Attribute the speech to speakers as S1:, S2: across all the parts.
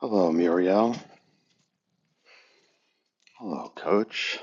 S1: Hello, Muriel. Hello, Coach.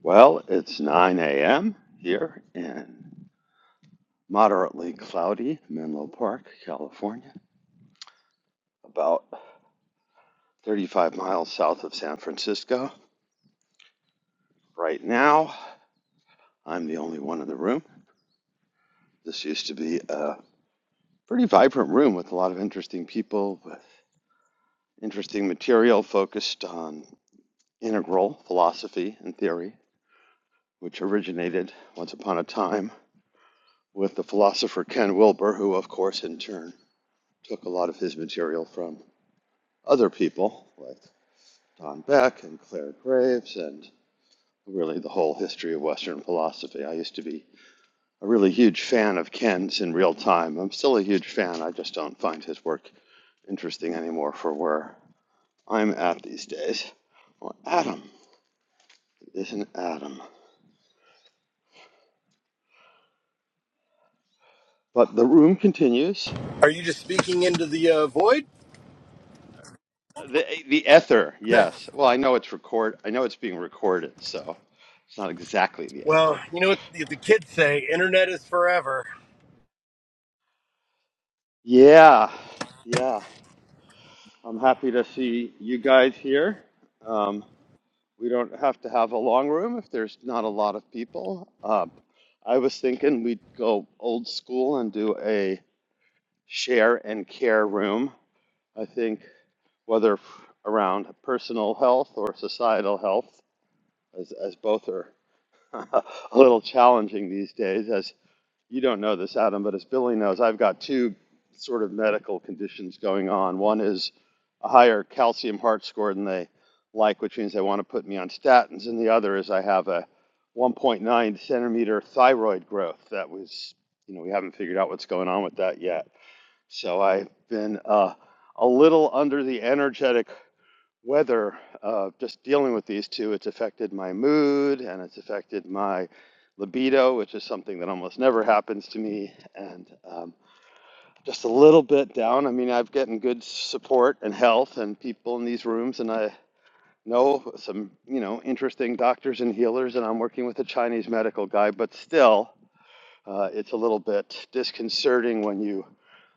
S1: Well, it's 9 a.m. here in moderately cloudy Menlo Park, California, about 35 miles south of San Francisco. Right now, I'm the only one in the room. This used to be a pretty vibrant room with a lot of interesting people with interesting material focused on integral philosophy and theory, which originated once upon a time with the philosopher Ken Wilber, who, of course, in turn took a lot of his material from other people like Don Beck and Claire Graves and really the whole history of Western philosophy. I used to be a really huge fan of Ken's in real time. I'm still a huge fan. I just don't find his work interesting anymore for where I'm at these days. Well, Adam is an Adam. But the room continues.
S2: Are you just speaking into the uh, void?
S1: The the ether, yes. Well, I know it's record. I know it's being recorded, so it's not exactly the
S2: Well,
S1: ether.
S2: you know what the, the kids say: internet is forever.
S1: Yeah, yeah. I'm happy to see you guys here. Um, we don't have to have a long room if there's not a lot of people. Um, I was thinking we'd go old school and do a share and care room. I think whether f- around personal health or societal health, as, as both are a little challenging these days, You don't know this, Adam, but as Billy knows, I've got two sort of medical conditions going on. One is a higher calcium heart score than they like, which means they want to put me on statins, and the other is I have a 1.9 centimeter thyroid growth that was, you know, we haven't figured out what's going on with that yet. So I've been uh, a little under the energetic weather, uh, just dealing with these two, it's affected my mood and it's affected my libido, which is something that almost never happens to me. And um, just a little bit down. I mean, I've gotten good support and health and people in these rooms, and I know some, you know, interesting doctors and healers, and I'm working with a Chinese medical guy, but still, uh, it's a little bit disconcerting when you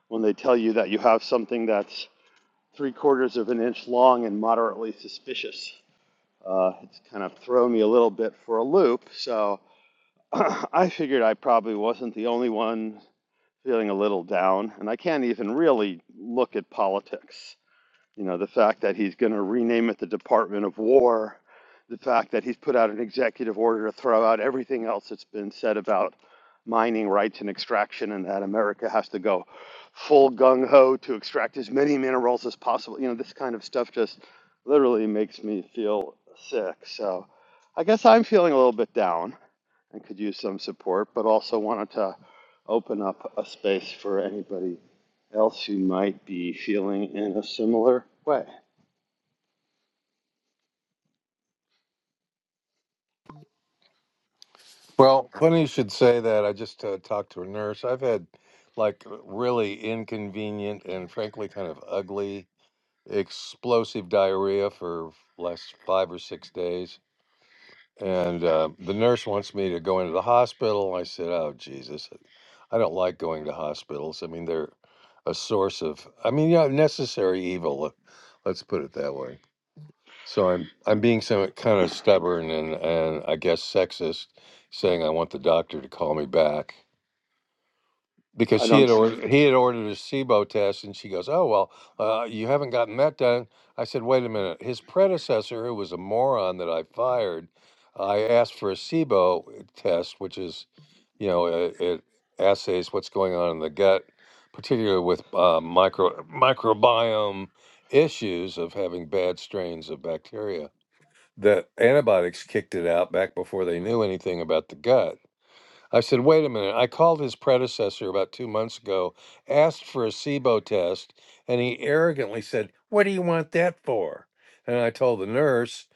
S1: when they tell you that you have something that's three quarters of an inch long and moderately suspicious. Uh, it's kind of thrown me a little bit for a loop. So I figured I probably wasn't the only one feeling a little down, and I can't even really look at politics. You know, the fact that he's going to rename it the Department of War, the fact that he's put out an executive order to throw out everything else that's been said about mining rights and extraction, and that America has to go full gung ho to extract as many minerals as possible. You know, this kind of stuff just literally makes me feel sick. So I guess I'm feeling a little bit down and could use some support, but also wanted to open up a space for anybody else who might be feeling in a similar way.
S3: Well, funny you should say that. I just uh, talked to a nurse. I've had like really inconvenient and frankly kind of ugly explosive diarrhea for last five or six days. And uh, the nurse wants me to go into the hospital. I said, Oh, Jesus, uh, I don't like going to hospitals. I mean, they're a source of, I mean, yeah, necessary evil. uh, Let's put it that way. So I'm I'm being some kind of stubborn and and I guess sexist, saying I want the doctor to call me back because
S1: I
S3: she had
S1: don't
S3: ordered he had ordered a SIBO test and she goes, oh well, uh, you haven't gotten that done. I said, wait a minute. His predecessor, who was a moron that I fired, I asked for a SIBO test, which is, you know, it, it assays what's going on in the gut, particularly with uh, micro microbiome issues of having bad strains of bacteria that antibiotics kicked it out back before they knew anything about the gut I said, wait a minute. I called his predecessor about two months ago, asked for a SIBO test, and he arrogantly said, What do you want that for? And I told the nurse,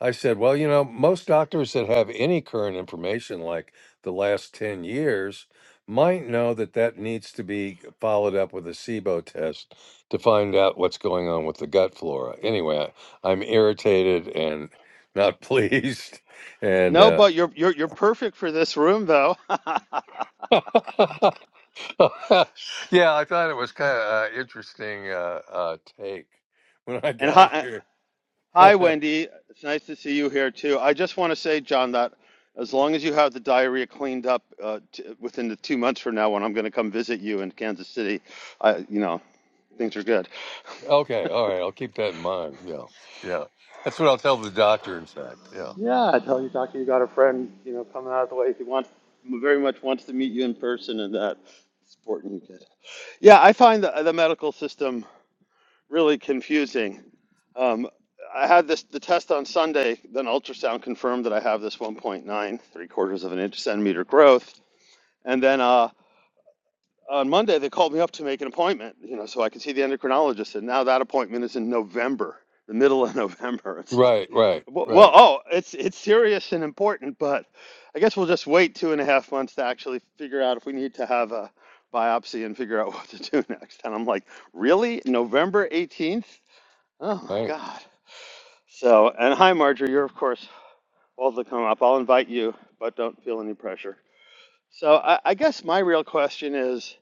S3: I said, Well, you know, most doctors that have any current information, like the last 10 years, might know that that needs to be followed up with a SIBO test to find out what's going on with the gut flora. Anyway, I'm irritated and not pleased. And,
S1: no,
S3: uh,
S1: but you're you're you're perfect for this room though.
S3: yeah, I thought it was kind of uh, interesting uh, uh, take when I
S1: and
S3: got
S1: hi,
S3: here.
S1: hi,
S3: okay,
S1: Wendy. It's nice to see you here too. I just want to say, John, that as long as you have the diarrhea cleaned up uh, t- within the two months from now, when I'm going to come visit you in Kansas City, I you know things are good.
S3: all right, I'll keep that in mind. Yeah, yeah, that's what I'll tell the doctor. In fact, yeah,
S1: Yeah, I tell you, doctor, you got a friend you know coming out of the way. He wants very much wants to meet you in person, and that supporting you. Good. Yeah, I find the, the medical system. really confusing. Um, I had this the test on Sunday. Then ultrasound confirmed that I have this one point nine, three quarters of an inch centimeter growth. And then uh, on Monday they called me up to make an appointment. You know, so I could see the endocrinologist. And now that appointment is in November, the middle of November. It's
S3: right,
S1: like,
S3: right,
S1: well, well,
S3: right,
S1: oh, it's it's serious and important, but I guess we'll just wait two and a half months to actually figure out if we need to have a biopsy and figure out what to do next. And I'm like, really, November 18th? Oh my
S3: right.
S1: God. So, and hi, Marjorie. You're, of course, welcome to come up. I'll invite you, but don't feel any pressure. So, I, I guess my real question is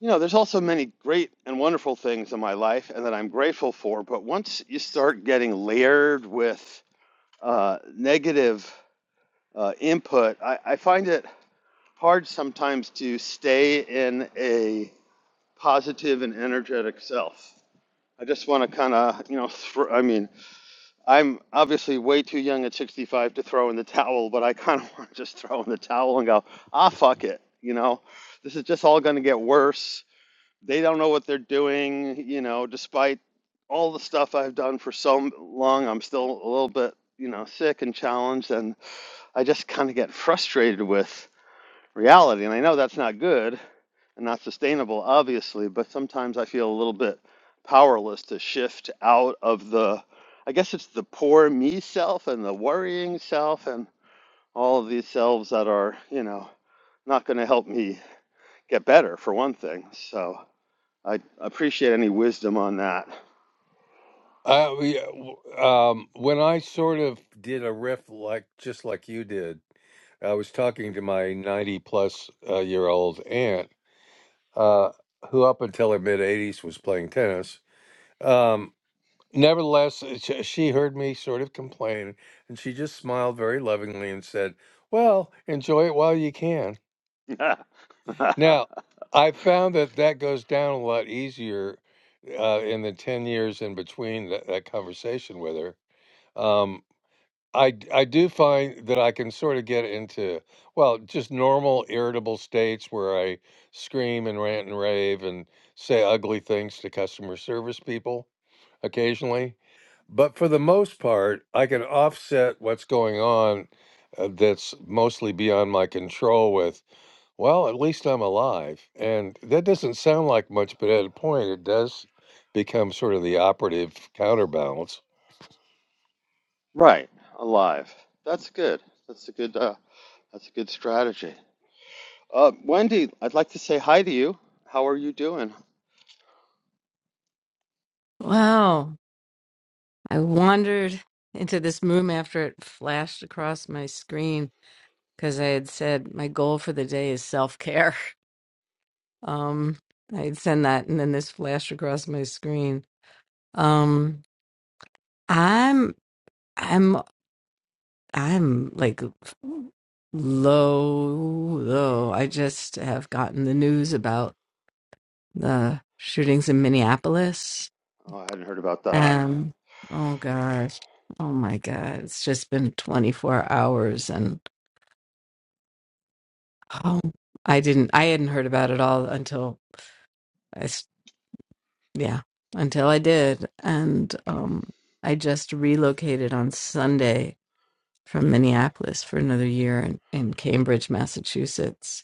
S1: you know, there's also many great and wonderful things in my life and that I'm grateful for. But once you start getting layered with uh, negative uh, input, I, I find it hard sometimes to stay in a positive and energetic self. I just want to kind of, you know, throw I mean, I'm obviously way too young at 65 to throw in the towel, but I kind of want to just throw in the towel and go, ah, fuck it. You know, this is just all going to get worse. They don't know what they're doing. You know, despite all the stuff I've done for so long, I'm still a little bit, you know, sick and challenged. And I just kind of get frustrated with reality. And I know that's not good and not sustainable, obviously, but sometimes I feel a little bit powerless to shift out of the, I guess it's the poor me self and the worrying self and all of these selves that are, you know, not going to help me get better, for one thing. So I appreciate any wisdom on that.
S3: I, we- uh, yeah, w- um, when I sort of did a riff like just like you did, I was talking to my ninety-plus uh, year old aunt, uh, who up until her mid eighties was playing tennis. Um, Nevertheless, uh, sh- she heard me sort of complain, and she just smiled very lovingly and said, "Well, enjoy it while you can." Now, I found that that goes down a lot easier uh, in the ten years in between that, that conversation with her. Um, I d- I do find that I can sort of get into well, just normal irritable states where I scream and rant and rave and say ugly things to customer service people occasionally. But for the most part, I can offset what's going on uh, that's mostly beyond my control with, well, at least I'm alive. And that doesn't sound like much, but at a point, it does become sort of the operative counterbalance.
S1: right, alive. That's good. That's a good. Uh, that's a good strategy. Uh, Wendy, I'd like to say hi to you. How are you doing?
S4: Wow. I wandered into this room after it flashed across my screen because I had said my goal for the day is self care. Um, I had said that, and then this flashed across my screen. Um, I'm, I'm, I'm like low, low. I just have gotten the news about the shootings in Minneapolis.
S1: Oh, I hadn't heard about that.
S4: Um, oh gosh, oh my God, it's just been 24 hours and Oh, I didn't. I hadn't heard about it all until I, s- yeah, until I did, and um, I just relocated on Sunday from Minneapolis for another year in, in Cambridge, Massachusetts,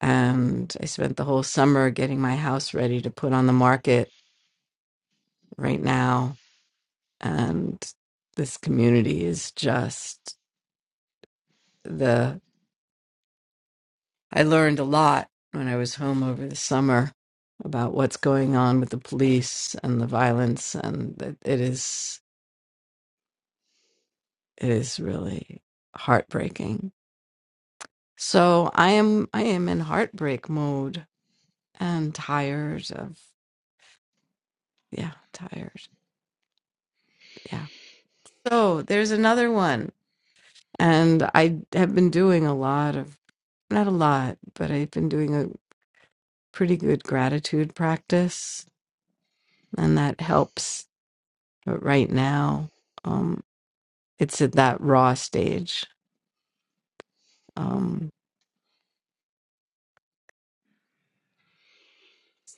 S4: and I spent the whole summer getting my house ready to put on the market right now, and this community is just the I learned a lot when I was home over the summer about what's going on with the police and the violence, and that it is it is really heartbreaking. So I am I am in heartbreak mode and tired of yeah tired yeah. So there's another one, and I have been doing a lot of not a lot, but I've been doing a pretty good gratitude practice, and that helps. But right now. um, it's at that raw stage. Um,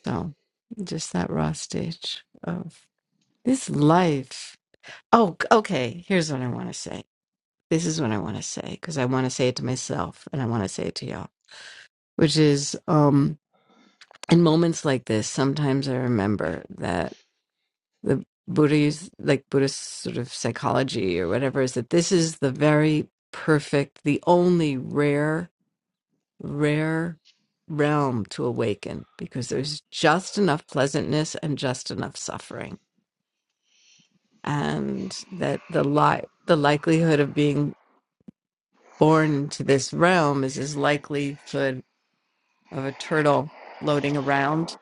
S4: so just that raw stage of this life. Oh, c- okay. Here's what I want to say. This is what I want to say because I want to say it to myself and I want to say it to y'all, which is um, in moments like this, sometimes I remember that the Buddha used, like Buddhist sort of psychology or whatever, is that this is the very perfect, the only rare rare realm to awaken because there's just enough pleasantness and just enough suffering and that the li- the likelihood of being born into this realm is as likelihood of a turtle floating around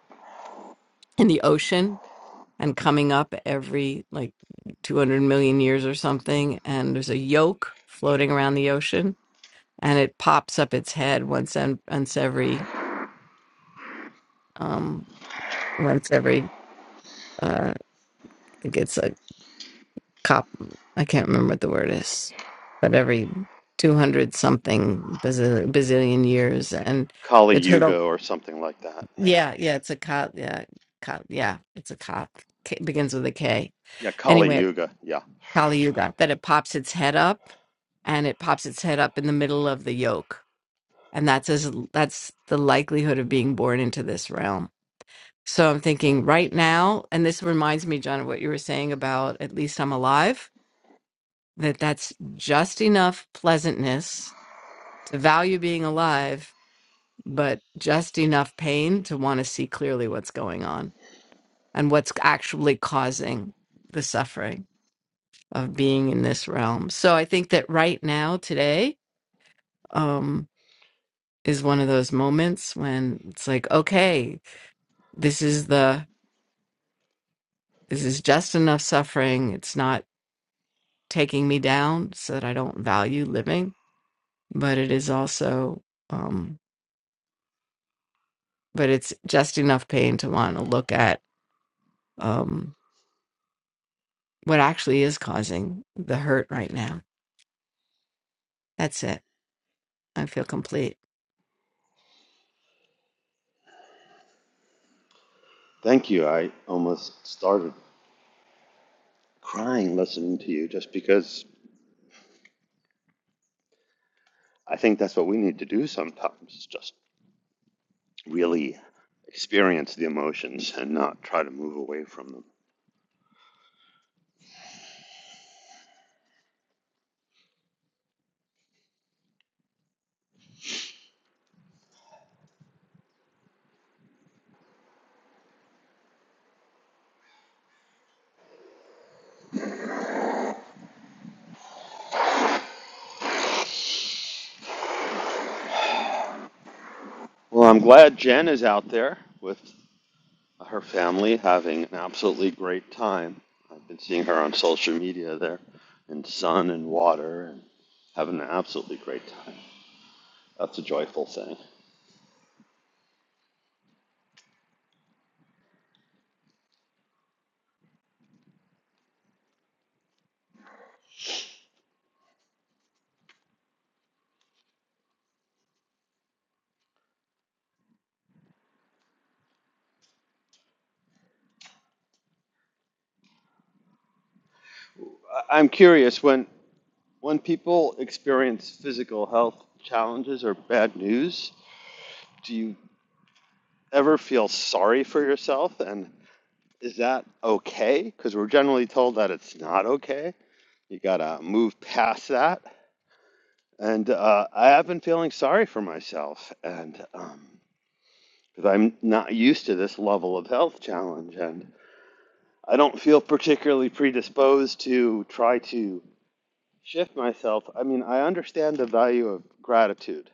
S4: in the ocean and coming up every like 200 million years or something and there's a yolk floating around the ocean and it pops up its head once and once every um once every uh I think it's like cop I can't remember what the word is, but every two hundred something bazil- bazillion years, and
S1: Kali
S4: the
S1: Yuga
S4: turtle.
S1: or something like that. Yeah.
S4: Yeah, yeah, it's a cop. Yeah, cop. Yeah, it's a cop. K, begins with a K.
S1: Yeah, Kali
S4: Anyway,
S1: Yuga. Yeah.
S4: Kali Yuga. That it pops its head up, and it pops its head up in the middle of the yolk, and that's as that's the likelihood of being born into this realm. So I'm thinking right now, and this reminds me, John, of what you were saying about at least I'm alive that that's just enough pleasantness to value being alive, but just enough pain to want to see clearly what's going on and what's actually causing the suffering of being in this realm. So I think that right now, today, um, is one of those moments when it's like, okay, this is the this is just enough suffering. It's not taking me down so that I don't value living, but it is also um, but it's just enough pain to want to look at um, what actually is causing the hurt right now. That's it. I feel complete.
S1: Thank you. I almost started crying listening to you just because I think that's what we need to do sometimes, is just really experience the emotions and not try to move away from them. Well, I'm glad Jen is out there with her family having an absolutely great time. I've been seeing her on social media there in sun and water and having an absolutely great time. That's a joyful thing. I- I'm curious when when people experience physical health challenges or bad news, do you ever feel sorry for yourself and is that okay? Cuz we're generally told that it's not okay. You got to move past that. And uh, I have been feeling sorry for myself and um cuz I'm not used to this level of health challenge and I don't feel particularly predisposed to try to shift myself. I mean, I understand the value of gratitude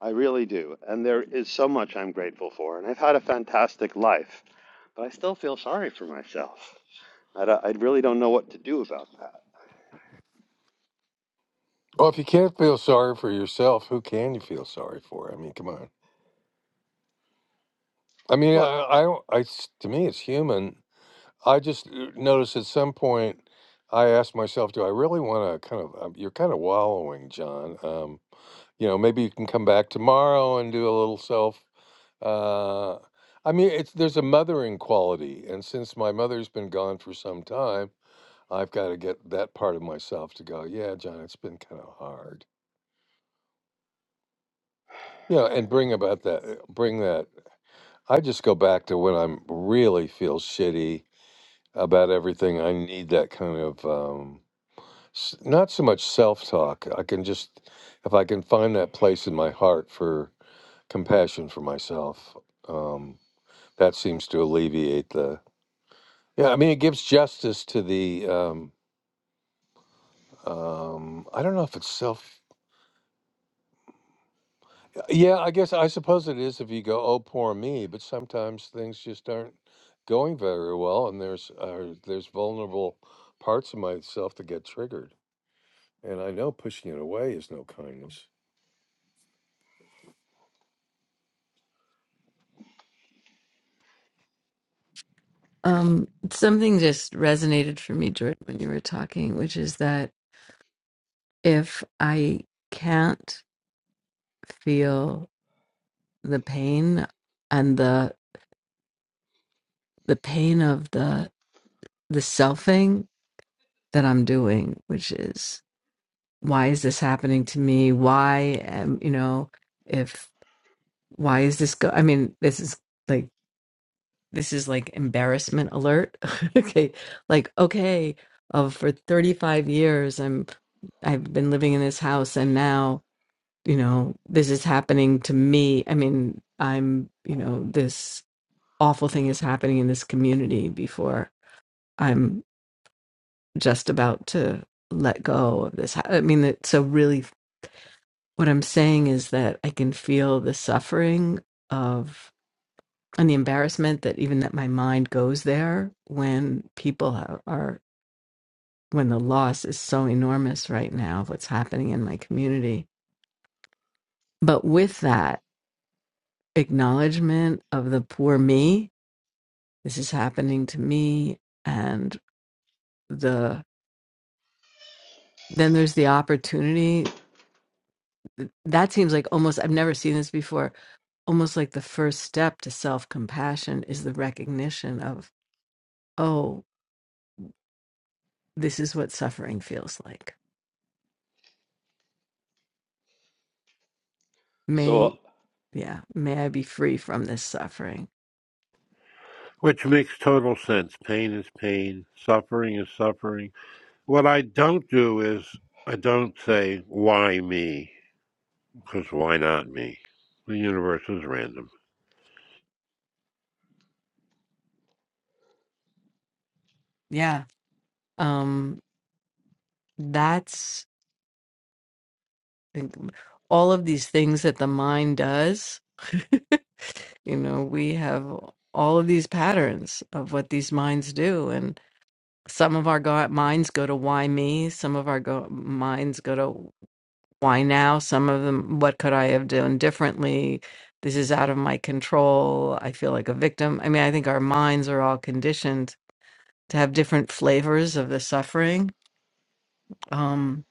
S1: I really do. And there is so much I'm grateful for. And I've had a fantastic life, but I still feel sorry for myself. I, I really don't know what to do about that.
S3: Well, if you can't feel sorry for yourself, who can you feel sorry for? I mean, come on. I mean,
S1: What?
S3: I, I, I s- to me, it's human I just uh, noticed at some point I asked myself, do I really want to kind of, um, you're kind of wallowing, John. Um, you know, maybe you can come back tomorrow and do a little self. Uh, I mean, it's there's a mothering quality. And since my mother's been gone for some time, I've got to get that part of myself to go, yeah, John, it's been kind of hard. You know, and bring about that, uh, bring that. I just go back to when I'm really feel shitty about everything. I need that kind of, um, s- not so much self-talk i can just if i can find that place in my heart for compassion for myself um, that seems to alleviate the yeah i mean it gives justice to the um, um, i don't know if it's self yeah i guess i suppose it is if you go oh poor me but sometimes things just aren't going very well and there's uh, there's vulnerable parts of myself that get triggered and i know pushing it away is no kindness
S4: Um, something just resonated for me, Jordan, when you were talking, which is that if I can't feel the pain and the the pain of the the selfing that I'm doing, which is why is this happening to me? Why am you know if why is this go? I mean, this is like this is like embarrassment alert. okay, like okay, uh, for 35 years I'm I've been living in this house and now, you know, this is happening to me. I mean, I'm, you know, this awful thing is happening in this community before I'm just about to let go of this. I mean, that so really what I'm saying is that I can feel the suffering of and the embarrassment that even that my mind goes there when people are, are when the loss is so enormous right now of what's happening in my community but with that acknowledgement of the poor me this is happening to me and the then there's the opportunity that seems like almost i've never seen this before almost like the first step to self-compassion is the recognition of oh this is what suffering feels like
S1: So,
S4: yeah may i be free from this suffering
S5: Which makes total sense. Pain is pain. Suffering is suffering. What I don't do is I don't say, why me? Because why not me? The universe is random.
S4: yeah um that's all of these things that the mind does you know we have all of these patterns of what these minds do and some of our go- minds go to why me some of our go- minds go to why now some of them what could i have done differently this is out of my control i feel like a victim i mean i think our minds are all conditioned to have different flavors of the suffering um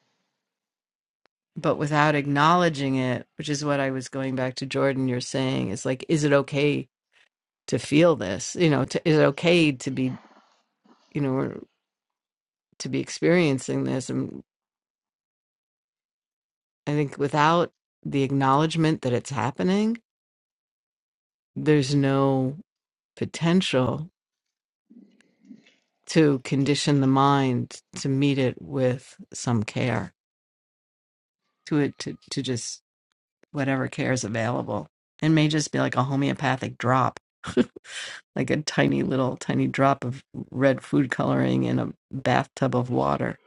S4: but without acknowledging it which is what i was going back to jordan you're saying is like is it okay to feel this you know to, is it okay to be you know to be experiencing this and i think without the acknowledgement that it's happening there's no potential to condition the mind to meet it with some care to it to, to just whatever care is available. It may just be like a homeopathic drop, like a tiny little tiny drop of red food coloring in a bathtub of water.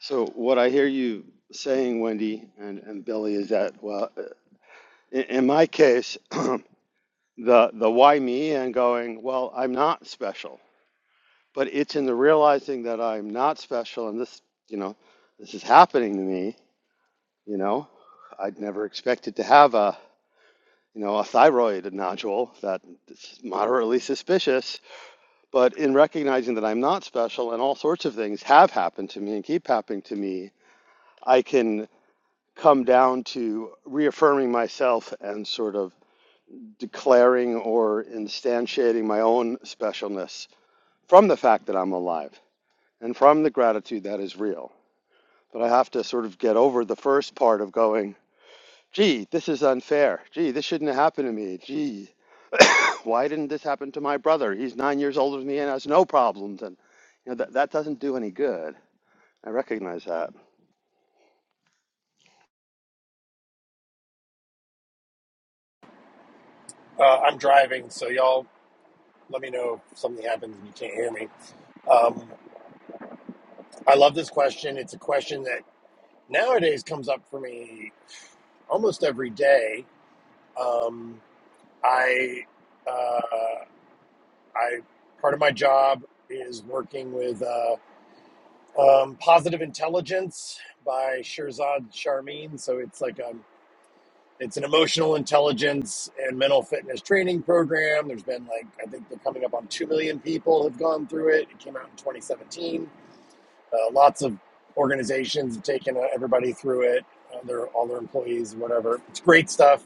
S1: so what I hear you saying, Wendy and, and Billy, is that, well, uh, in, in my case, the, the why me and going, well, I'm not special. But it's in the realizing that I'm not special and this, you know, this is happening to me, you know, I'd never expected to have a you know, a thyroid nodule that is moderately suspicious. But in recognizing that I'm not special and all sorts of things have happened to me and keep happening to me, I can come down to reaffirming myself and sort of declaring or instantiating my own specialness from the fact that I'm alive and from the gratitude that is real. But I have to sort of get over the first part of going, gee, this is unfair. Gee, this shouldn't have happened to me. Gee, why didn't this happen to my brother? He's nine years older than me and has no problems. And you know that that doesn't do any good. I recognize that.
S2: Uh, I'm driving, so y'all let me know if something happens and you can't hear me. Um, I love this question. It's a question that nowadays comes up for me almost every day. Um, I, uh, I, part of my job is working with uh, um, Positive Intelligence by Shirzad Sharmin. So it's like um, It's an emotional intelligence and mental fitness training program. There's been like I think they're coming up on two million people have gone through it. It came out in 2017. Uh, lots of organizations have taken uh, everybody through it. Uh, their all their employees, whatever. It's great stuff.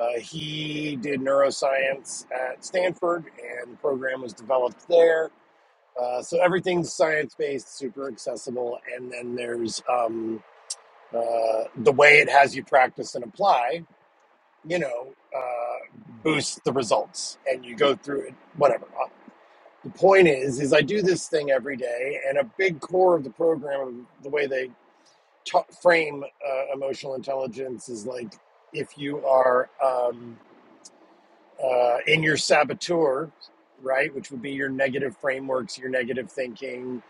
S2: Uh, he did neuroscience at Stanford, and the program was developed there. Uh, so everything's science based, super accessible, and then there's um, uh, the way it has you practice and apply you know, uh, boost the results and you go through it, whatever. Uh, The point is, is I do this thing every day, and a big core of the program, the way they ta frame uh, emotional intelligence, is like if you are um, uh, in your saboteur, right, which would be your negative frameworks, your negative thinking,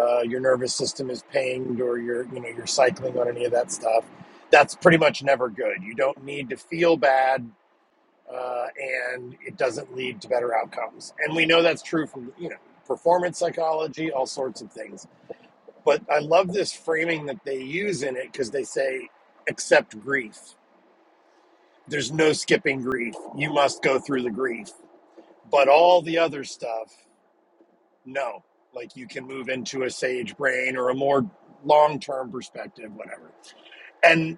S2: uh, your nervous system is pinged, or you're, you know, you're cycling on any of that stuff. That's pretty much never good. You don't need to feel bad uh, and it doesn't lead to better outcomes. And we know that's true from you know performance psychology, all sorts of things. But I love this framing that they use in it because they say, accept grief. There's no skipping grief. You must go through the grief, but all the other stuff, no. Like you can move into a sage brain or a more long-term perspective, whatever. And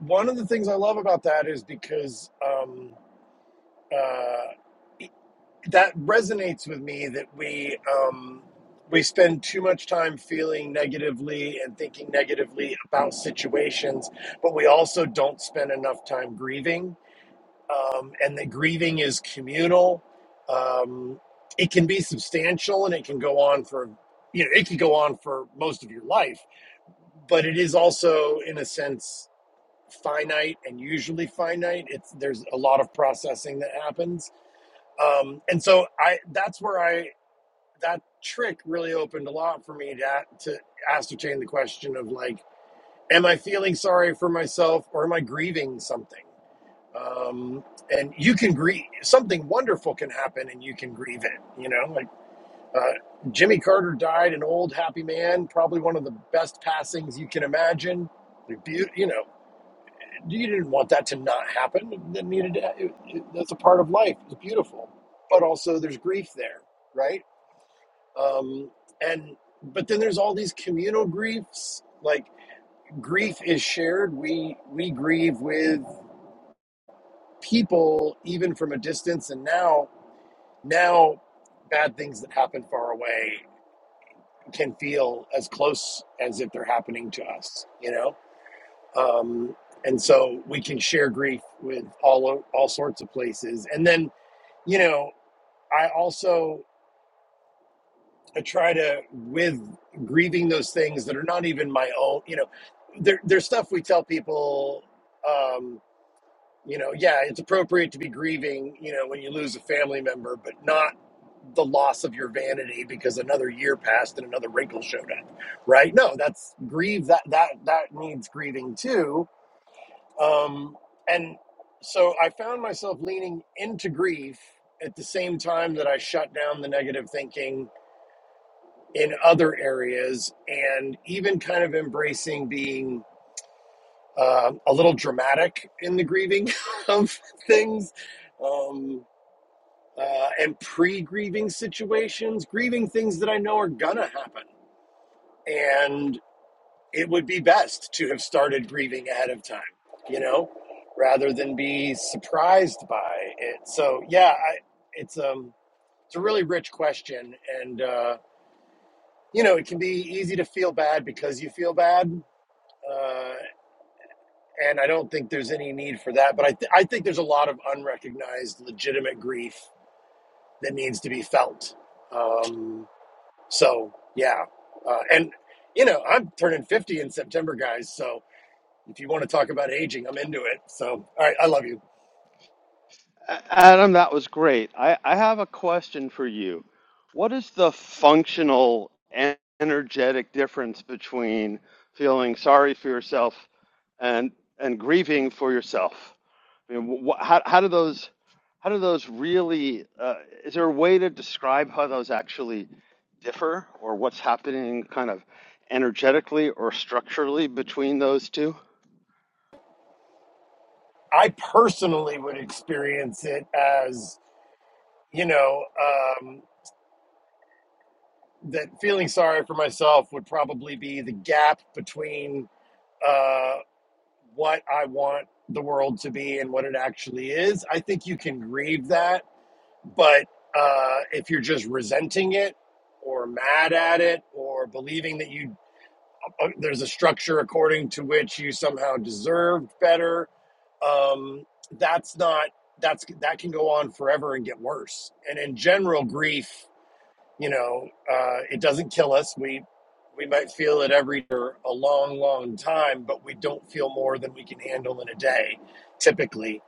S2: one of the things I love about that is because um, uh, that resonates with me that we um, we spend too much time feeling negatively and thinking negatively about situations, but we also don't spend enough time grieving. Um, and the grieving is communal. Um, it can be substantial and it can go on for you know it can go on for most of your life, but it is also in a sense finite and usually finite. It's there's a lot of processing that happens um, and so I that's where I that trick really opened a lot for me to to ascertain the question of like, am I feeling sorry for myself or am I grieving something? Um, and you can grieve something wonderful can happen and you can grieve it. You know, like uh, Jimmy Carter died, an old happy man, probably one of the best passings you can imagine. The You know, you didn't want that to not happen. That needed to, it, it, that's a part of life. It's beautiful, but also there's grief there, right? um, and but then there's all these communal griefs like grief is shared we we grieve with people even from a distance and now now bad things that happen far away can feel as close as if they're happening to us you know um, and so we can share grief with all all sorts of places and then you know i also I try to with grieving those things that are not even my own. You know, there, there's stuff we tell people. Um, you know, yeah, it's appropriate to be grieving. You know, when you lose a family member, but not the loss of your vanity because another year passed and another wrinkle showed up. Right? No, that's grieve. That that that needs grieving too. Um, and so I found myself leaning into grief at the same time that I shut down the negative thinking in other areas and even kind of embracing being uh, a little dramatic in the grieving of things um, uh, and pre grieving situations, grieving things that I know are gonna happen. And it would be best to have started grieving ahead of time, you know, rather than be surprised by it. So, yeah, I, it's, um, it's a really rich question. And, uh, you know, it can be easy to feel bad because you feel bad uh, and I don't think there's any need for that. But I, th- I think there's a lot of unrecognized, legitimate grief that needs to be felt. Um, so yeah, uh, and you know, I'm turning 50 in September, guys. So if you want to talk about aging, I'm into it. So all right, I love you.
S1: A- Adam, that was great. I, I have a question for you. What is the functional en- energetic difference between feeling sorry for yourself and and grieving for yourself? I mean, wh- how how do those how do those really? Uh, is there a way to describe how those actually differ, or what's happening kind of energetically or structurally between those two?
S2: I personally would experience it as you know um, that feeling sorry for myself would probably be the gap between. uh, what I want the world to be and what it actually is. I think you can grieve that, but uh, if you're just resenting it or mad at it or believing that you uh, there's a structure according to which you somehow deserved better, um, that's not that's that can go on forever and get worse. And in general, grief you know, uh, it doesn't kill us. We we might feel it every for a long, long time, but we don't feel more than we can handle in a day. Typically,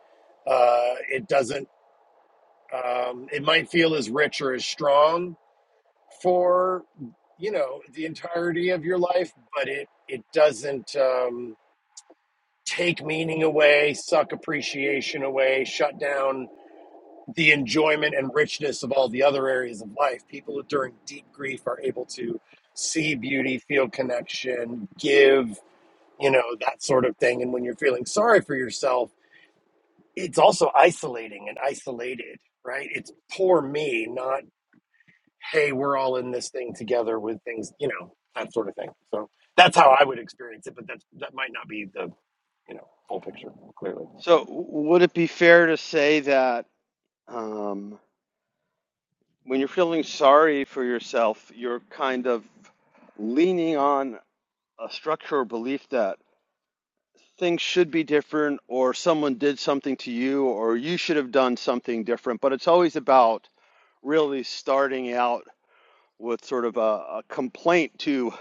S2: uh, it doesn't. Um, it might feel as rich or as strong for you know the entirety of your life, but it it doesn't um, take meaning away, suck appreciation away, shut down the enjoyment and richness of all the other areas of life. People during deep grief are able to see beauty, feel connection, give, you know, that sort of thing. And when you're feeling sorry for yourself, it's also isolating and isolated, right? It's poor me, not, hey, we're all in this thing together with things, you know, that sort of thing. So that's how I would experience it, but that's, that might not be the, you know, full picture, clearly.
S1: So, w- would it be fair to say that um, when you're feeling sorry for yourself, you're kind of leaning on a structure or belief that things should be different, or someone did something to you, or you should have done something different? But it's always about really starting out with sort of a, a complaint to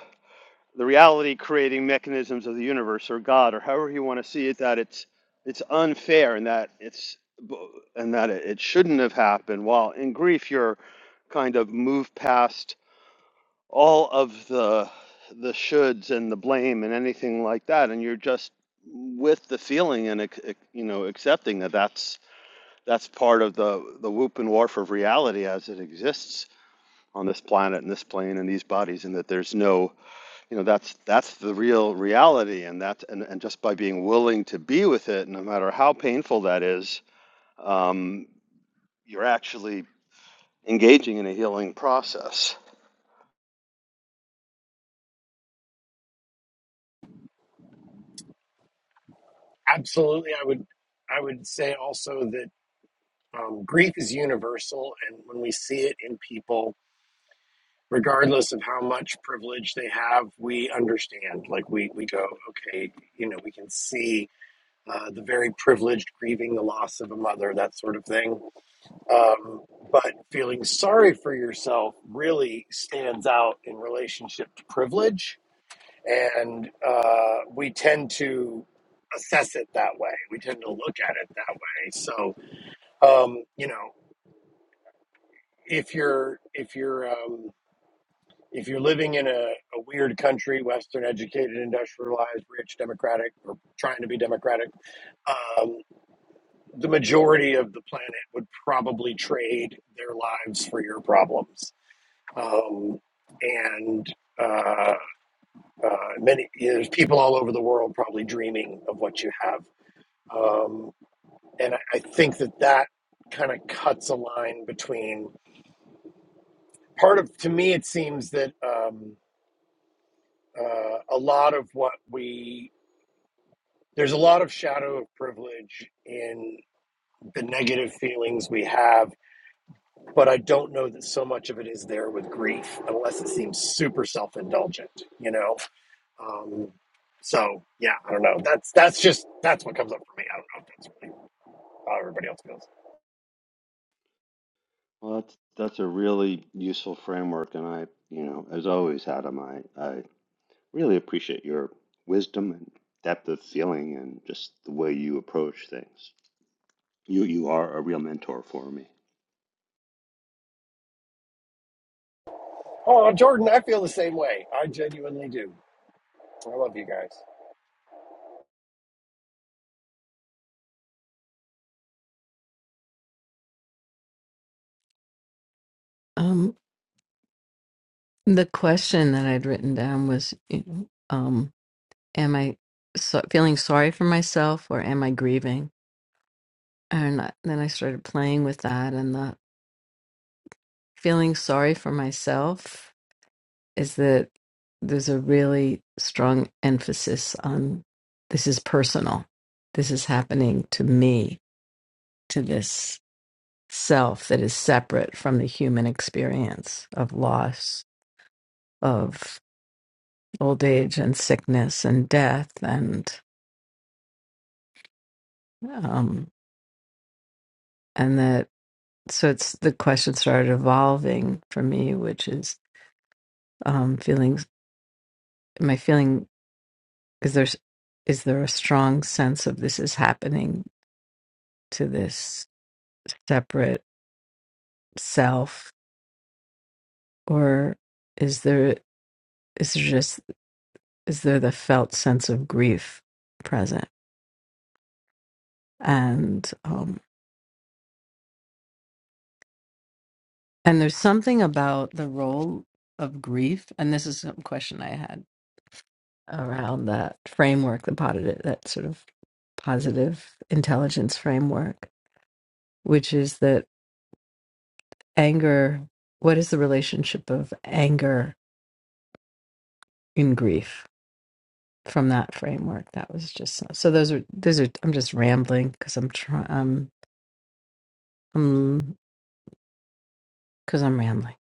S1: the reality creating mechanisms of the universe or God or however you want to see it that it's it's unfair and that it's and that it, it shouldn't have happened while in grief you're kind of moved past all of the the shoulds and the blame and anything like that and you're just with the feeling and you know accepting that that's that's part of the the whoop and wharf of reality as it exists on this planet and this plane and these bodies and that there's no you know that's that's the real reality and that's and, and just by being willing to be with it no matter how painful that is um, you're actually engaging in a healing process
S2: Absolutely. I would, I would say also that Um, grief is universal, and when we see it in people, regardless of how much privilege they have, we understand. Like we we go, okay, you know, we can see uh, the very privileged grieving the loss of a mother, that sort of thing. Um, but feeling sorry for yourself really stands out in relationship to privilege, and uh, we tend to assess it that way. We tend to look at it that way. So um, you know. if you're if you're um, if you're living in a, a weird country, Western educated, industrialized, rich, democratic, or trying to be democratic, um, the majority of the planet would probably trade their lives for your problems. Um, and uh, uh, many you know, there's people all over the world probably dreaming of what you have. Um, and I, I think that that kind of cuts a line between part of to me it seems that. Um, uh, a lot of what we there's a lot of shadow of privilege in the negative feelings we have, but I don't know that so much of it is there with grief, unless it seems super self-indulgent, you know. Um, so yeah, I don't know. That's that's just that's what comes up for me. I don't know if that's really how everybody else feels.
S1: well that's that's a really useful framework and i you know as always adam i i really appreciate your wisdom and depth of feeling and just the way you approach things you you are a real mentor for me
S2: Oh, Jordan, I feel the same way. I genuinely do. I love you guys.
S4: Um, the question that I'd written down was, you know, um, am I so feeling sorry for myself or am I grieving? And I- then I started playing with that and the feeling sorry for myself. is that there's a really strong emphasis on this is personal. This is happening to me, to this self that is separate from the human experience of loss, of old age and sickness and death and um and that so it's the question started evolving for me, which is um feelings My feeling is there is there a strong sense of this is happening to this separate self or is there is there just is there the felt sense of grief present and um and there's something about the role of grief and this is a question i had around that framework the positive that sort of positive intelligence framework which is that anger what is the relationship of anger in grief from that framework. That was just so so those are those are I'm just rambling because I'm trying um um because I'm rambling.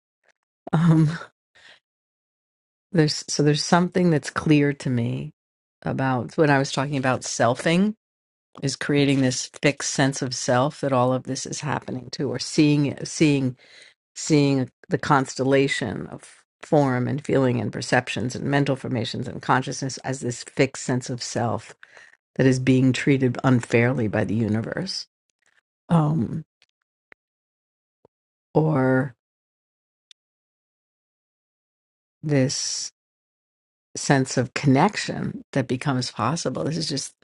S4: Um there's so there's something that's clear to me about when I was talking about selfing is creating this fixed sense of self that all of this is happening to or seeing it- seeing seeing the constellation of form and feeling and perceptions and mental formations and consciousness as this fixed sense of self that is being treated unfairly by the universe. Um or this sense of connection that becomes possible. This is just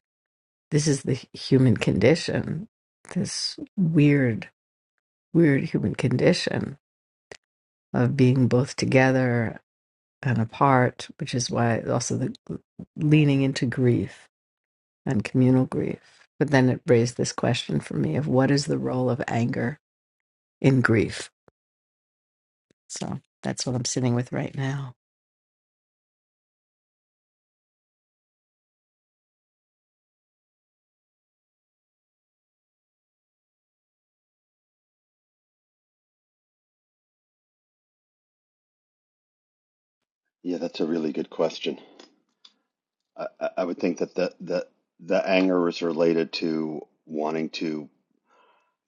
S4: this is the human condition. This weird, weird human condition of being both together and apart, which is why also the leaning into grief and communal grief. But then it raised this question for me of what is the role of anger in grief? So that's what I'm sitting with right now.
S1: yeah that's a really good question I, I would think that the, the the anger is related to wanting to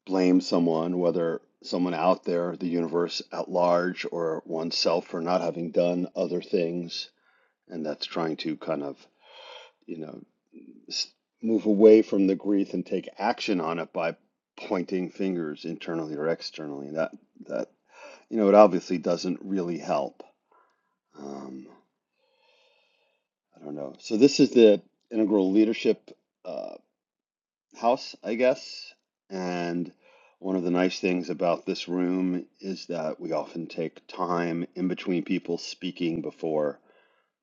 S1: blame someone, whether someone out there, the universe at large, or oneself for not having done other things, and that's trying to kind of you know s- move away from the grief and take action on it by pointing fingers internally or externally. That that you know it obviously doesn't really help. Um, I don't know. So this is the integral leadership. uh, house, I guess. And one of the nice things about this room is that we often take time in between people speaking before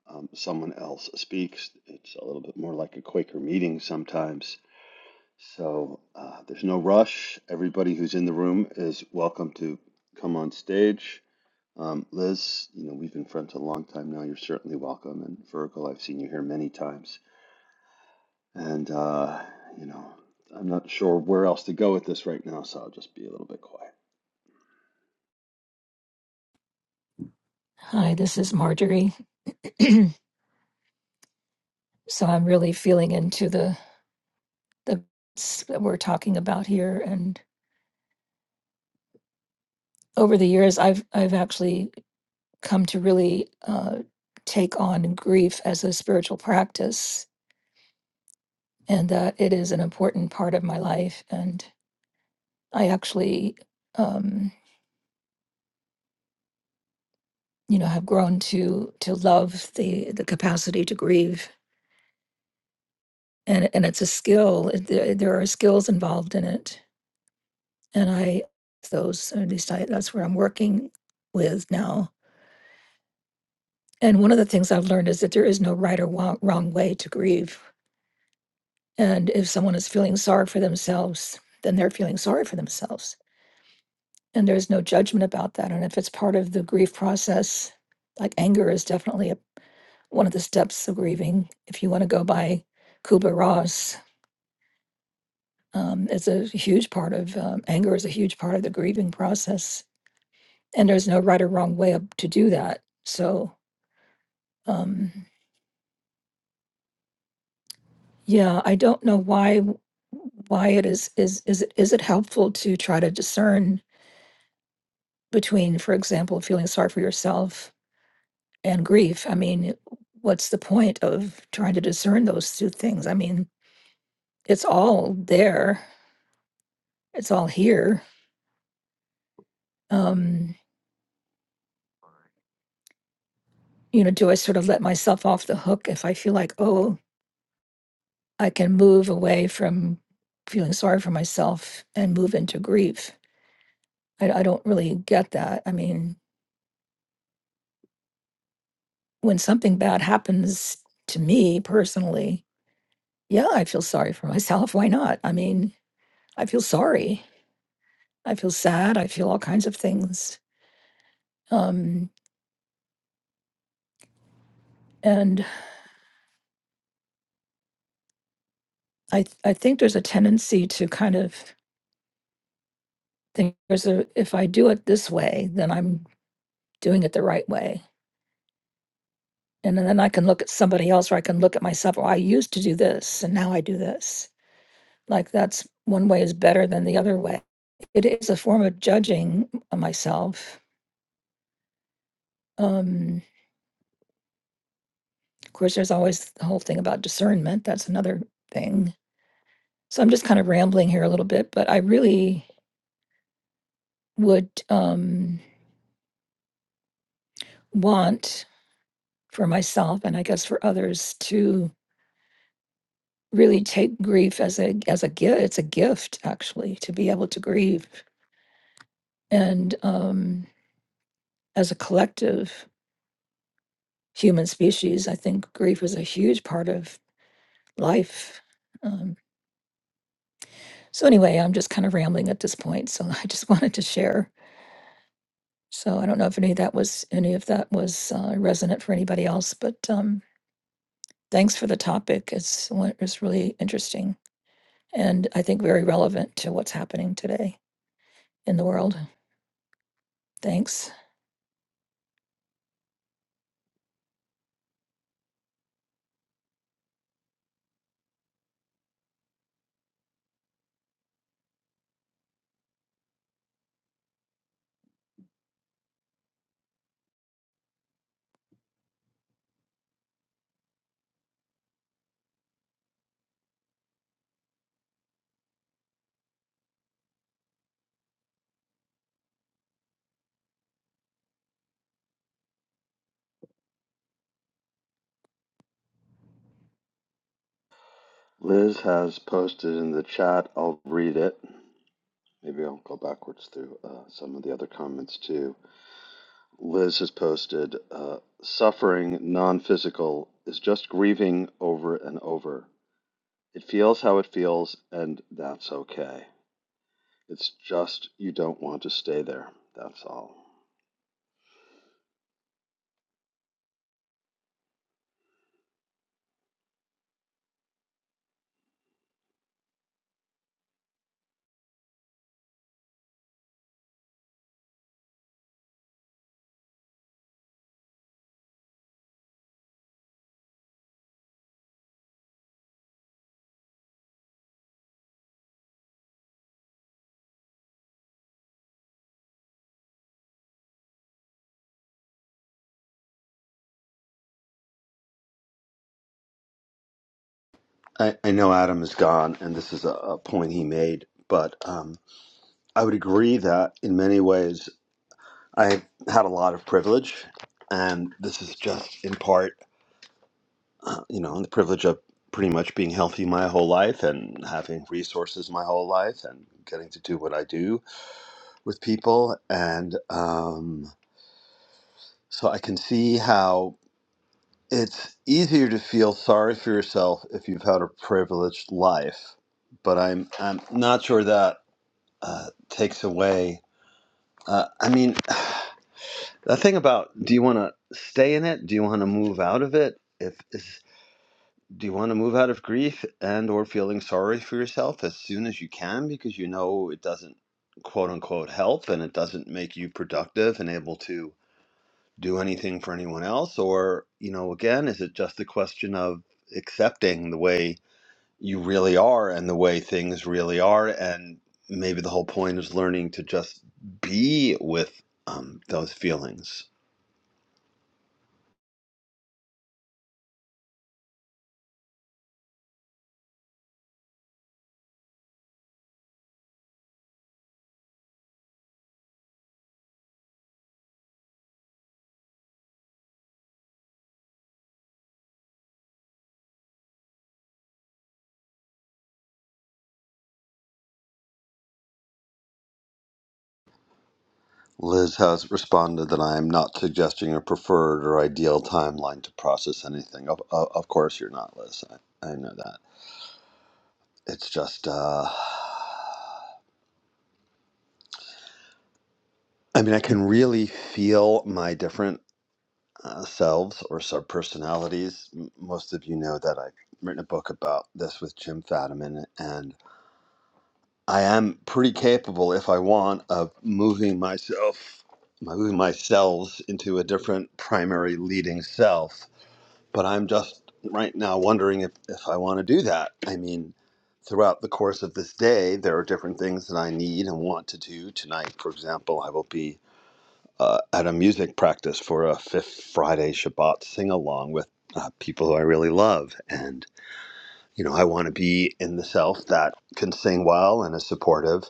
S1: um, someone else speaks. It's a little bit more like a Quaker meeting sometimes. So uh, there's no rush. Everybody who's in the room is welcome to come on stage. Um, Liz, you know, we've been friends a long time now. You're certainly welcome. And Virgil, I've seen you here many times. And, uh, you know, I'm not sure where else to go with this right now, so I'll just be a little bit quiet.
S6: Hi, this is Marjorie. so I'm really feeling into the the s- that we're talking about here, and over the years, I've I've actually come to really uh, take on grief as a spiritual practice, and that it is an important part of my life. And I actually, um, you know, have grown to to love the the capacity to grieve, and and it's a skill. It, there, there are skills involved in it and I those at least I, that's where I'm working with now. And one of the things I've learned is that there is no right or wrong, wrong way to grieve. And if someone is feeling sorry for themselves, then they're feeling sorry for themselves, and there's no judgment about that. And if it's part of the grief process, like anger is definitely a, one of the steps of grieving. If you want to go by Kubler Ross, um, it's a huge part of um, anger is a huge part of the grieving process, and there's no right or wrong way of- to do that. So Um, yeah, I don't know why why it is is is it is it helpful to try to discern between, for example, feeling sorry for yourself and grief? I mean, what's the point of trying to discern those two things? I mean, it's all there, it's all here. Um, you know, do I sort of let myself off the hook if I feel like, oh, I can move away from feeling sorry for myself and move into grief? I, I don't really get that. I mean, when something bad happens to me personally, yeah, I feel sorry for myself. Why not? I mean, I feel sorry. I feel sad. I feel all kinds of things. Um, and I, th- I think there's a tendency to kind of think there's a, if I do it this way, then I'm doing it the right way. And then I can look at somebody else or I can look at myself, oh, I used to do this and now I do this. Like that's one way is better than the other way. It is a form of judging uh, myself. Um, Of course, there's always the whole thing about discernment. That's another thing. So I'm just kind of rambling here a little bit, but I really would um, want for myself and I guess for others to really take grief as a as a gift. It's a gift actually to be able to grieve, and um, as a collective human species, I think grief is a huge part of life. Um, so anyway, I'm just kind of rambling at this point. So I just wanted to share. So I don't know if any of that was any of that was uh, resonant for anybody else, but um, thanks for the topic. It's one- it's really interesting and I think very relevant to what's happening today in the world. Thanks.
S1: Liz has posted in the chat. I'll read it. Maybe I'll go backwards through uh, some of the other comments too. Liz has posted uh, suffering, non physical, is just grieving over and over. It feels how it feels, and that's okay. It's just you don't want to stay there. That's all. I, I know Adam is gone, and this is a, a point he made, but um. I would agree that in many ways I had a lot of privilege, and this is just in part, uh, you know, the privilege of pretty much being healthy my whole life and having resources my whole life and getting to do what I do with people. And um, so I can see how it's easier to feel sorry for yourself if you've had a privileged life, but I'm, I'm not sure that uh, takes away. Uh, I mean, That thing about do you want to stay in it? Do you want to move out of it? If is, do you want to move out of grief and or feeling sorry for yourself as soon as you can because you know it doesn't quote unquote help and it doesn't make you productive and able to do anything for anyone else or you know again is it just a question of accepting the way you really are and the way things really are and maybe the whole point is learning to just be with um, those feelings Liz has responded that I am not suggesting a preferred or ideal timeline to process anything. Of, of, of course, you're not, Liz. I, I know that. It's just, uh, I mean, I can really feel my different uh, selves or subpersonalities. M- Most of you know that I've written a book about this with Jim Fadiman, and I am pretty capable, if I want, of moving myself, moving myself into a different primary leading self But I'm just right now wondering if, if I want to do that. I mean, throughout the course of this day, there are different things that I need and want to do. Tonight, for example, I will be uh, at a music practice for a Fifth Friday Shabbat sing along with uh, people who I really love. And, you know, I want to be in the self that can sing well and is supportive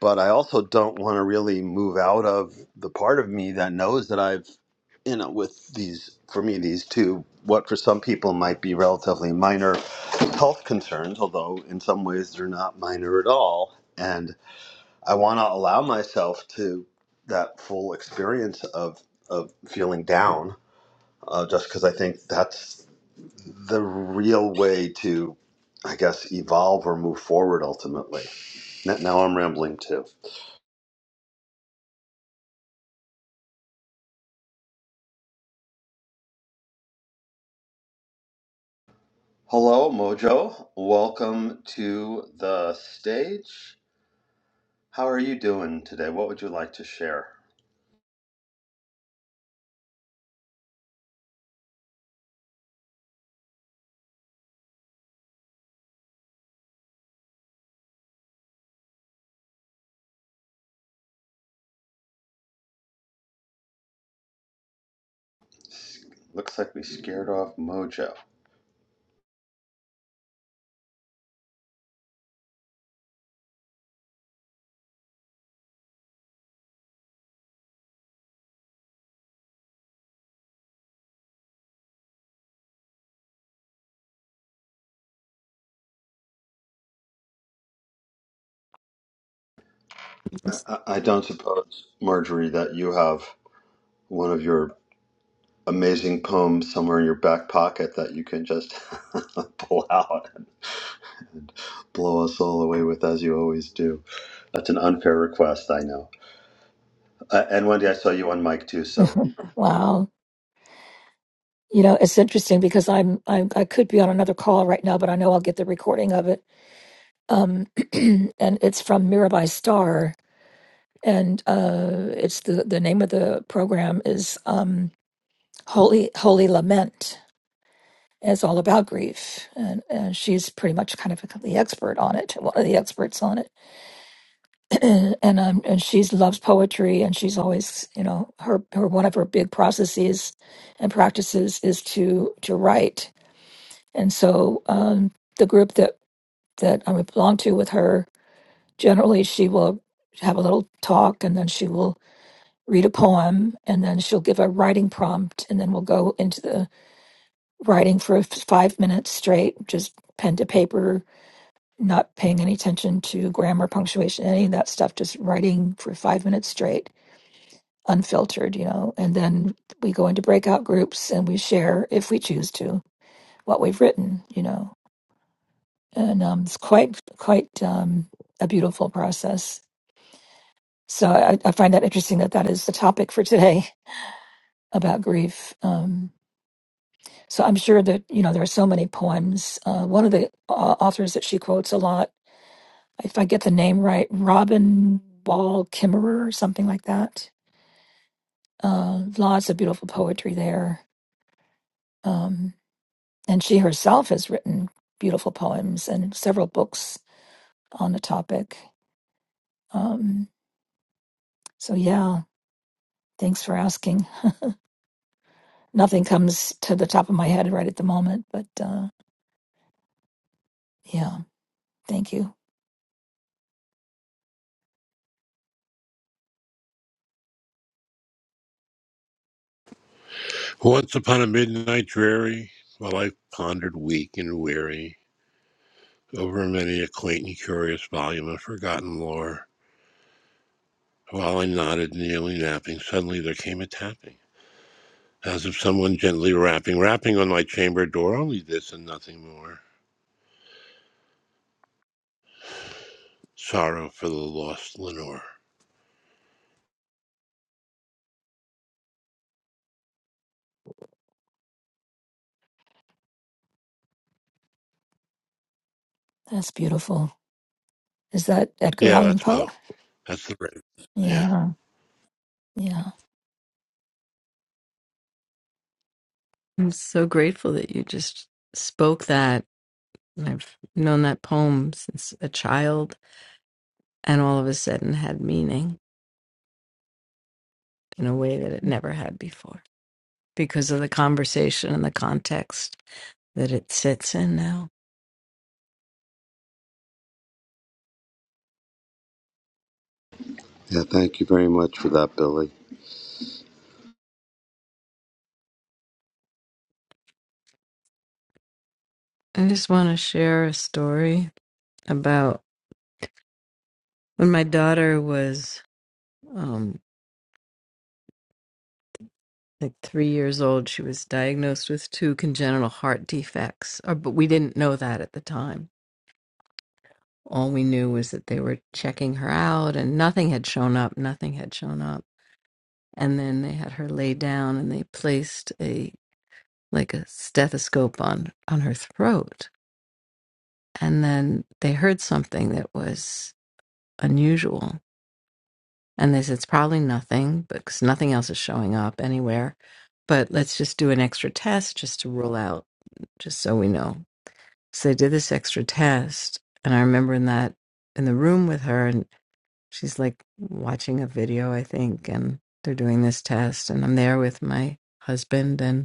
S1: but I also don't want to really move out of the part of me that knows that I've, you know, with these, for me, these two, what for some people might be relatively minor health concerns, although in some ways they're not minor at all. And I want to allow myself to that full experience of, of feeling down, uh, just because I think that's the real way to, I guess, evolve or move forward ultimately. Now now I'm rambling too. Hello, Mojo. Welcome to the stage. How are you doing today? What would you like to share? Looks like we scared off Mojo.
S4: I'm
S1: I,
S4: s-
S1: I I don't suppose, Marjorie, that you have one of your amazing poems somewhere in your back pocket that you can just pull out and blow us all away with, as you always do. That's an unfair request, I know. Uh, and Wendy, I saw you on mic too, so
S6: wow. You know, it's interesting because I'm, I'm I could be on another call right now, but I know I'll get the recording of it. Um, and it's from Mirabai Star, and uh, it's the the name of the program is um, Holy Holy Lament is all about grief, and, and she's pretty much kind of the expert on it, one of the experts on it. and um, and she loves poetry, and she's always, you know, her, her one of her big processes and practices is to to write. And so um, the group that that I belong to with her, generally she will have a little talk, and then she will read a poem, and then she'll give a writing prompt, and then we'll go into the writing for f- five minutes straight, just pen to paper not paying any attention to grammar, punctuation, any of that stuff, just writing for five minutes straight, unfiltered, you know. And then we go into breakout groups and we share, if we choose to, what we've written, you know. And um, it's quite, quite um, a beautiful process. So I, I find that interesting that that is the topic for today about grief. Um, so I'm sure that you know there are so many poems. Uh, one of the uh, authors that she quotes a lot if I get the name right, Robin Wall Kimmerer or something like that. Uh, lots of beautiful poetry there. Um, and she herself has written beautiful poems and several books on the topic. Um, so, yeah, thanks for asking. Nothing comes to the top of my head right at the moment, but uh, yeah, thank you.
S5: Once upon a midnight dreary, while I pondered weak and weary over many a quaint and curious volume of forgotten lore, while I nodded, nearly napping, suddenly there came a tapping, as of someone gently rapping, rapping on my chamber door, only this and nothing more. Sorrow for the lost Lenore.
S6: That's beautiful. Is that Edgar
S5: Yeah,
S6: Allan
S5: that's Poe.
S6: Poe?
S5: That's the rhythm. Yeah.
S6: Yeah, yeah.
S4: I'm so grateful that you just spoke that And I've known that poem since a child and all of a sudden had meaning in a way that it never had before because of the conversation and the context that it sits in now.
S1: Yeah, thank you very much for that, Billy.
S4: I just want to share a story about when my daughter was um, like three years old, she was diagnosed with two congenital heart defects, or, but we didn't know that at the time. All we knew was that they were checking her out and nothing had shown up, nothing had shown up. and then they had her lay down and they placed a like a stethoscope on on her throat and then they heard something that was unusual and they said it's probably nothing because nothing else is showing up anywhere but let's just do an extra test just to rule out just so we know so they did this extra test and i remember in that in the room with her and she's like watching a video i think and they're doing this test and i'm there with my husband and.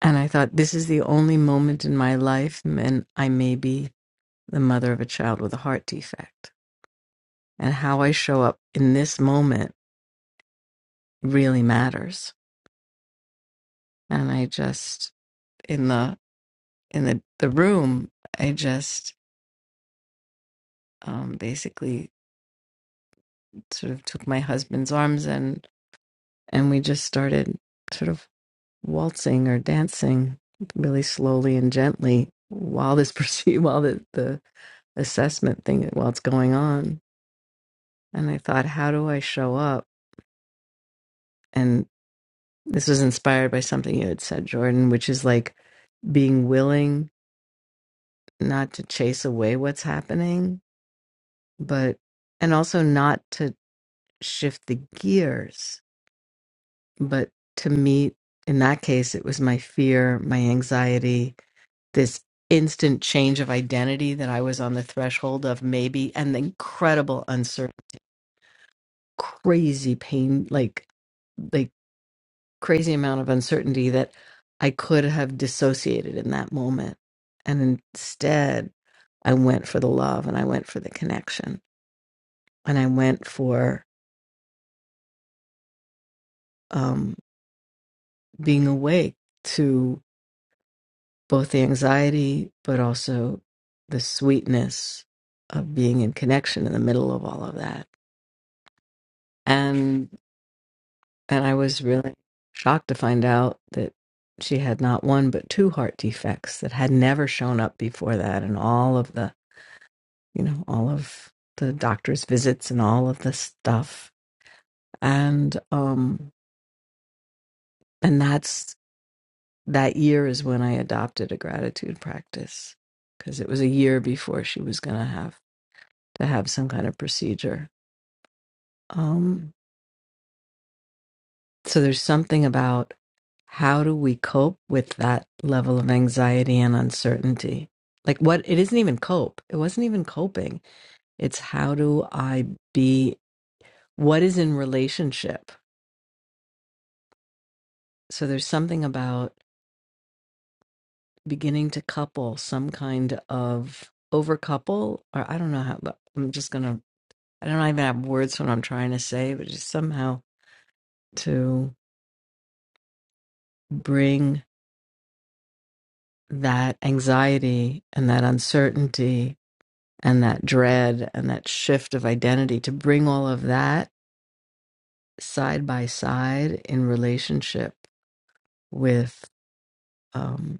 S4: And I thought, this is the only moment in my life, and I may be the mother of a child with a heart defect. And how I show up in this moment really matters. And I just in the in the the room, I just um, basically sort of took my husband's arms and and we just started sort of waltzing or dancing really slowly and gently while this proceed while the, the assessment thing while it's going on And I thought, how do I show up? And this was inspired by something you had said, Jordan, which is like being willing not to chase away what's happening, but, and also not to shift the gears, but to meet, in that case, it was my fear, my anxiety, this instant change of identity that I was on the threshold of maybe, and the incredible uncertainty, crazy pain, like, like crazy amount of uncertainty that I could have dissociated in that moment. And instead, I went for the love and I went for the connection and I went for um, being awake to both the anxiety, but also the sweetness of being in connection in the middle of all of that. And and I was really shocked to find out that she had not one but two heart defects that had never shown up before that and all of the you know, all of the doctor's visits and all of the stuff. And um and that's that year is when I adopted a gratitude practice because it was a year before she was going to have to have some kind of procedure. Um so there's something about how do we cope with that level of anxiety and uncertainty? Like what it isn't even cope. It wasn't even coping. It's how do I be what is in relationship So there's something about beginning to couple some kind of over couple, or I don't know how, but I'm just gonna, I don't even have words for what I'm trying to say, but just somehow to bring that anxiety and that uncertainty and that dread and that shift of identity to bring all of that side by side in relationship with, um,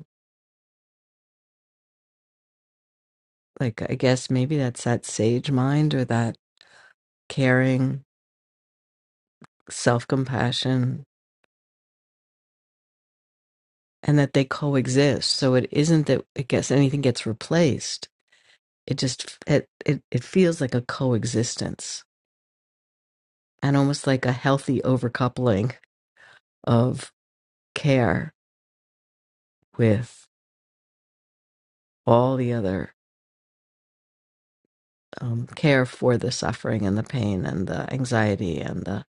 S4: like, I guess maybe that's that sage mind or that caring self compassion and that they coexist. So it isn't that it gets anything gets replaced. It just it it, it feels like a coexistence and almost like a healthy overcoupling of care with all the other um, care for the suffering and the pain and the anxiety and the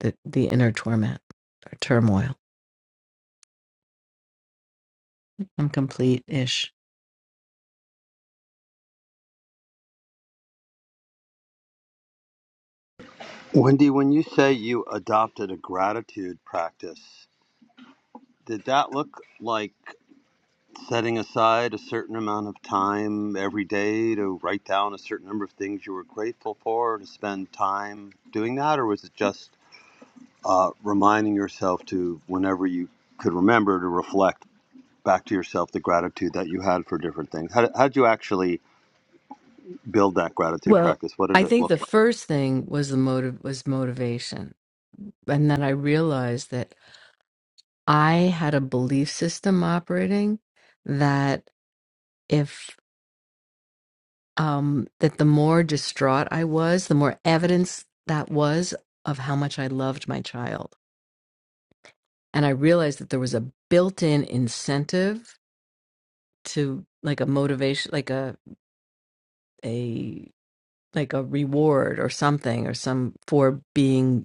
S4: the, the inner torment or turmoil. I'm complete ish.
S1: Wendy, when you say you adopted a gratitude practice, did that look like setting aside a certain amount of time every day to write down a certain number of things you were grateful for, to spend time doing that? Or was it just uh, reminding yourself to, whenever you could remember, to reflect back to yourself the gratitude that you had for different things? How, how did you actually build that gratitude
S4: Well,
S1: practice? What did
S4: I
S1: it
S4: think
S1: look
S4: the
S1: like?
S4: first thing was the motive was motivation, and then I realized that I had a belief system operating that if um that the more distraught I was, the more evidence that was of how much I loved my child. And I realized that there was a built-in incentive to like a motivation like a a like a reward or something or some for being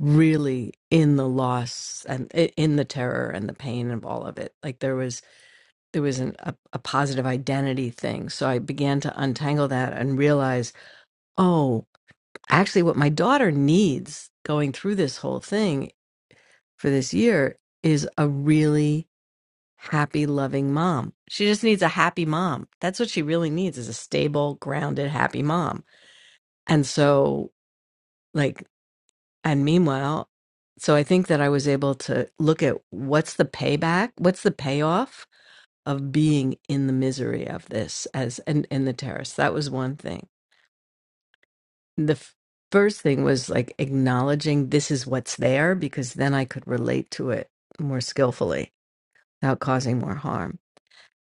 S4: really in the loss and i- in the terror and the pain of all of it. Like there was there was an, a, a positive identity thing. So I began to untangle that and realize, oh, actually, what my daughter needs going through this whole thing for this year is a really happy, loving mom. She just needs a happy mom. That's what she really needs is a stable, grounded, happy mom. And so, like, and meanwhile, so I think that I was able to look at what's the payback, what's the payoff of being in the misery of this as and and the terrorists. That was one thing. The f- first thing was like acknowledging this is what's there because then I could relate to it more skillfully without causing more harm.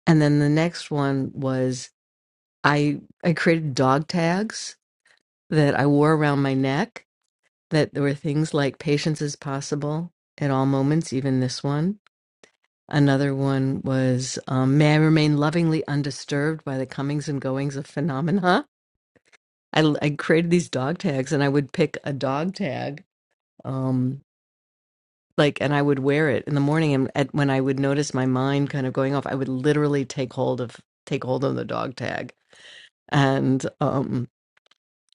S4: And then the next one was I I created dog tags that I wore around my neck that there were things like patience is possible at all moments, even this one. Another one was um, may I remain lovingly undisturbed by the comings and goings of phenomena I, I created these dog tags and I would pick a dog tag, um, like, and I would wear it in the morning. And at, when I would notice my mind kind of going off, I would literally take hold of, take hold of the dog tag and, um,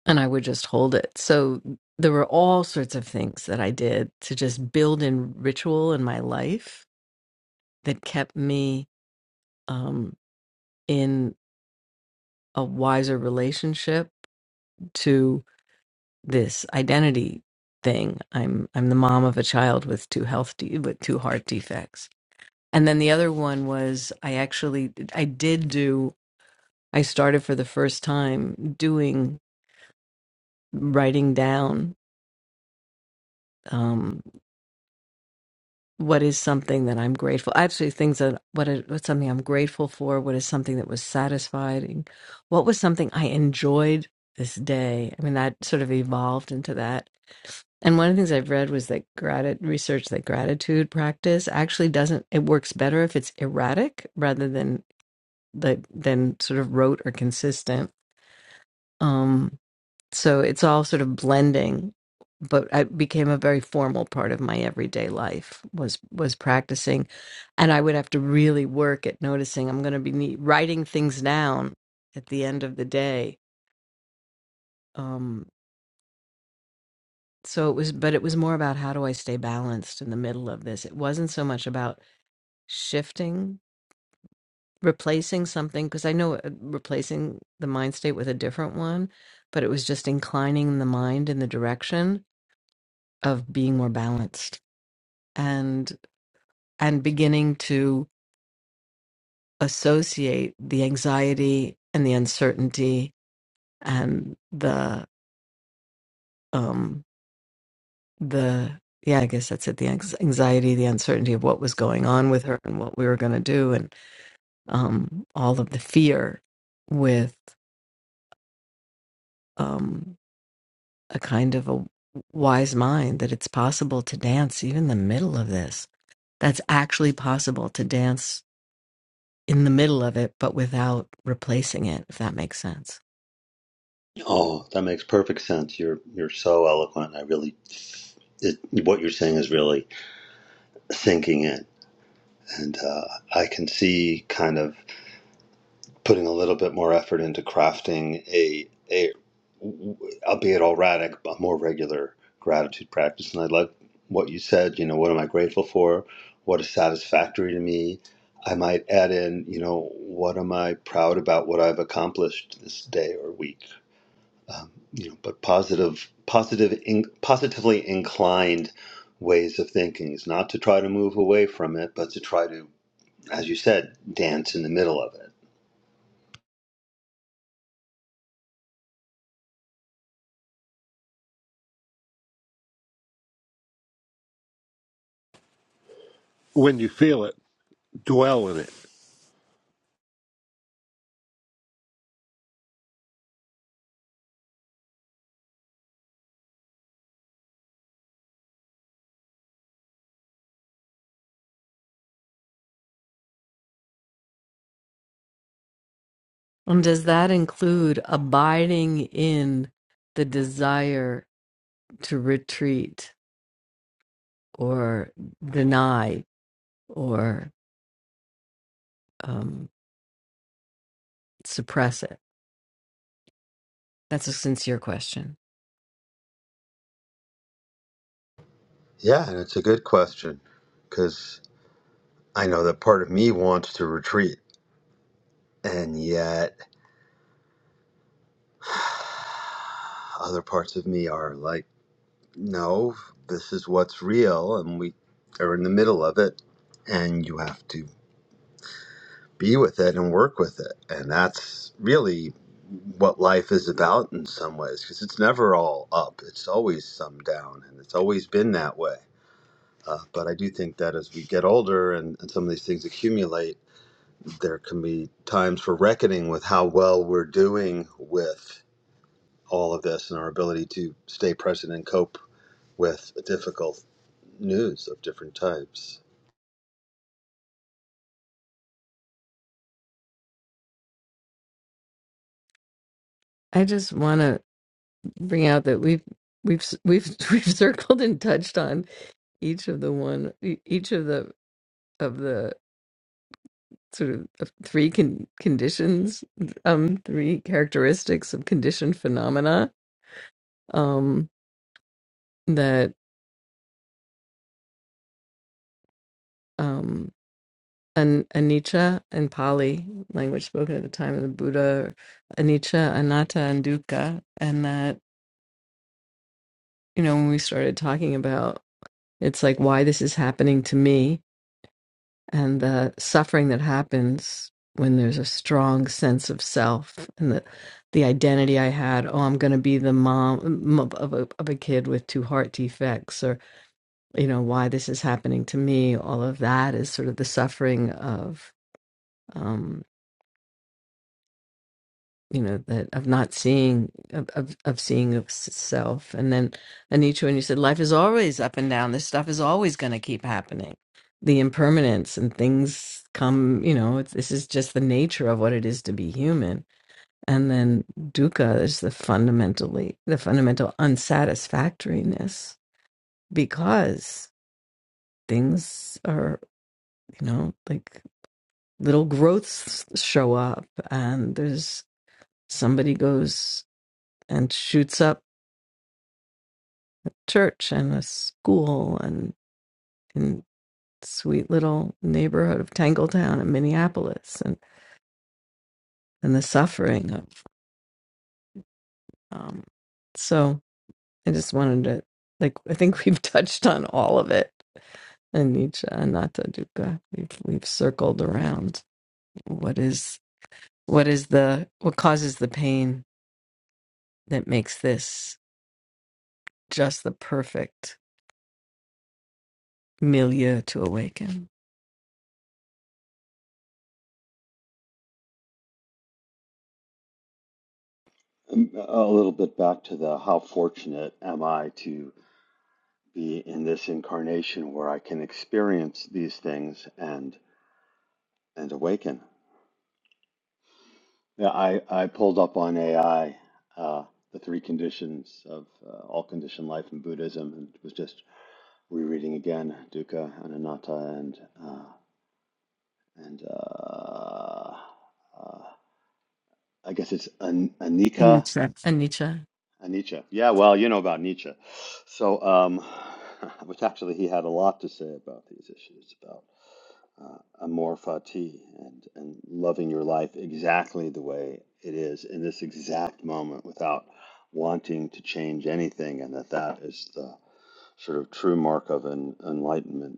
S4: and I would just hold it. So there were all sorts of things that I did to just build in ritual in my life that kept me, um, in a wiser relationship to. this identity thing. I'm I'm the mom of a child with two health de- with two heart defects. And then the other one was I actually I did do I started for the first time doing writing down um, what is something that I'm grateful actually things that what is, what's something I'm grateful for what is something that was satisfying what was something I enjoyed this day I mean that sort of evolved into that And one of the things I've read was that gratitude research that gratitude practice actually doesn't it works better if it's erratic rather than the than sort of rote or consistent. Um, so it's all sort of blending, but it became a very formal part of my everyday life was was practicing, and I would have to really work at noticing I'm going to be nee- writing things down at the end of the day. Um, so it was, but it was more about how do I stay balanced in the middle of this. It wasn't so much about shifting, replacing something, because I know uh, replacing the mind state with a different one, but it was just inclining the mind in the direction of being more balanced and and beginning to associate the anxiety and the uncertainty and the um the yeah i guess that's it the anx- anxiety the uncertainty of what was going on with her and what we were going to do and um all of the fear with um, a kind of a wise mind that it's possible to dance even in the middle of this. That's actually possible to dance in the middle of it, but without replacing it, if that makes sense.
S1: Oh, that makes perfect sense. You're, you're so eloquent. I really it, what you're saying is really sinking in. And uh, I can see kind of putting a little bit more effort into crafting a, a albeit erratic, but more regular gratitude practice. And I like what you said, you know, what am I grateful for? What is satisfactory to me? I might add in, you know, what am I proud about what I've accomplished this day or week? um, you know, but positive, positive, in, positively inclined ways of thinking is not to try to move away from it, but to try to, as you said, dance in the middle of it.
S5: When you feel it, dwell in it.
S4: And does that include abiding in the desire to retreat or deny or um, suppress it? That's a sincere question.
S1: Yeah, and it's a good question because I know that part of me wants to retreat, and yet other parts of me are like, no, this is what's real, and we are in the middle of it, and you have to. be with it and work with it. And that's really what life is about in some ways, because it's never all up, it's always some down, and it's always been that way. Uh, but I do think that as we get older and, and some of these things accumulate, there can be times for reckoning with how well we're doing with all of this and our ability to stay present and cope with difficult news of different types.
S4: I just want to bring out that we've we've we've we've circled and touched on each of the one e- each of the of the sort of of three con- conditions um three characteristics of conditioned phenomena um that um, An anicca in Pali language spoken at the time of the Buddha, anicca, anatta, and dukkha, and that you know when we started talking about it's like why this is happening to me and the suffering that happens when there's a strong sense of self and the the identity I had. Oh, I'm going to be the mom m- of a of a kid with two heart defects, or you know why this is happening to me. All of that is sort of the suffering of. um, you know that of not seeing of, of of seeing of s- self and then anitra when you said life is always up and down this stuff is always going to keep happening the impermanence and things come you know it's, this is just the nature of what it is to be human and then dukkha is the fundamentally the fundamental unsatisfactoriness because things are you know like little growths show up and there's somebody goes and shoots up church and a school and in sweet little neighborhood of Tangletown in Minneapolis and and the suffering of um so I just wanted to like I think we've touched on all of it in Nietzsche and Nata Dukkha. We've we've circled around what is what is the what causes the pain that makes this just the perfect milieu to awaken.
S1: Um, A little bit back to the how fortunate am I to be in this incarnation where I can experience these things and and awaken. Yeah, I, I pulled up on AI uh, the three conditions of uh, all conditioned life in Buddhism and was just rereading again dukkha, anatta, and uh, and uh, uh, I guess it's an,
S4: And
S1: anicca
S4: it's And Nietzsche.
S1: Uh, Nietzsche. Yeah, well, you know about Nietzsche. So, um, which actually he had a lot to say about these issues about uh, amor fati and, and loving your life exactly the way it is in this exact moment without wanting to change anything, and that that is the sort of true mark of an enlightenment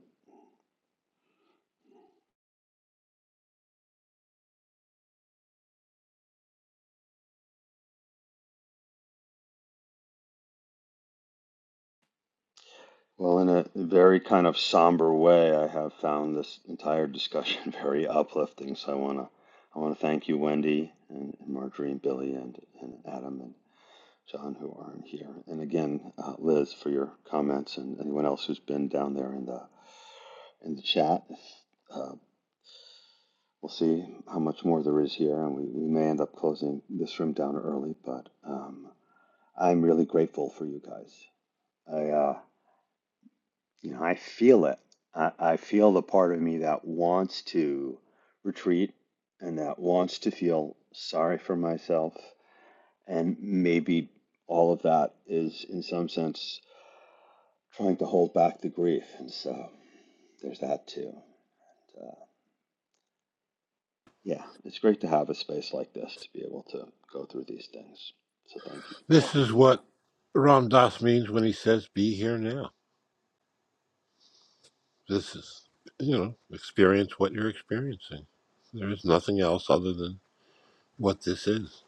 S1: Well, in a very kind of somber way, I have found this entire discussion very uplifting. So I want to I want to thank you, Wendy, and, and Marjorie, and Billy, and, and Adam, and John, who aren't here, and again, uh, Liz, for your comments, and anyone else who's been down there in the in the chat. Uh, we'll see how much more there is here, and we, we may end up closing this room down early. But um, I'm really grateful for you guys. I. Uh, You know, I feel it. I, I feel the part of me that wants to retreat and that wants to feel sorry for myself. And maybe all of that is, in some sense, trying to hold back the grief. And so there's that too. And, uh, yeah, it's great to have a space like this to be able to go through these things. So thank you all
S5: This
S1: for
S5: is
S1: being here.
S5: what Ram Dass means when he says, be here now. This is, you know, experience what you're experiencing. There is nothing else other than what this is.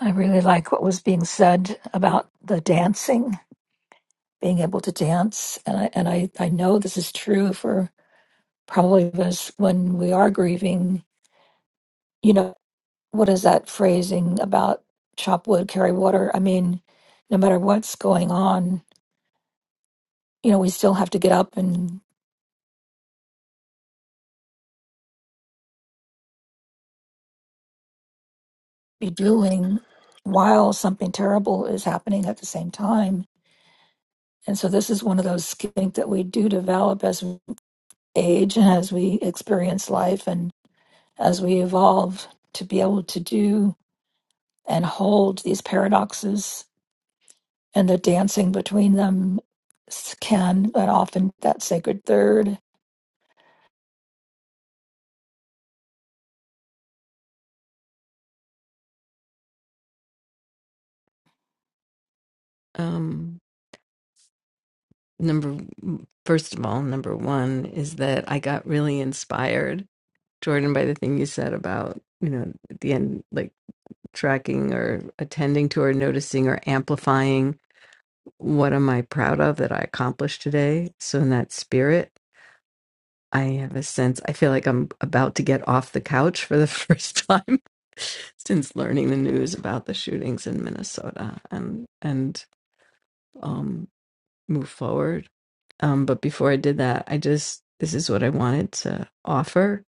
S6: I really like what was being said about the dancing. being able to dance. And I, and I, I know this is true for probably of us when we are grieving. You know, what is that phrasing about chop wood, carry water? I mean, no matter what's going on, you know, we still have to get up and be doing while something terrible is happening at the same time. And so this is one of those skills that we do develop as we age and as we experience life and as we evolve to be able to do and hold these paradoxes and the dancing between them s- can but often that sacred third
S4: Um number first of all number one is that i got really inspired jordan by the thing you said about you know at the end like tracking or attending to or noticing or amplifying what am i proud of that i accomplished today so in that spirit i have a sense i feel like i'm about to get off the couch for the first time since learning the news about the shootings in minnesota and and um, move forward. Um, but before I did that, I just this is what I wanted to offer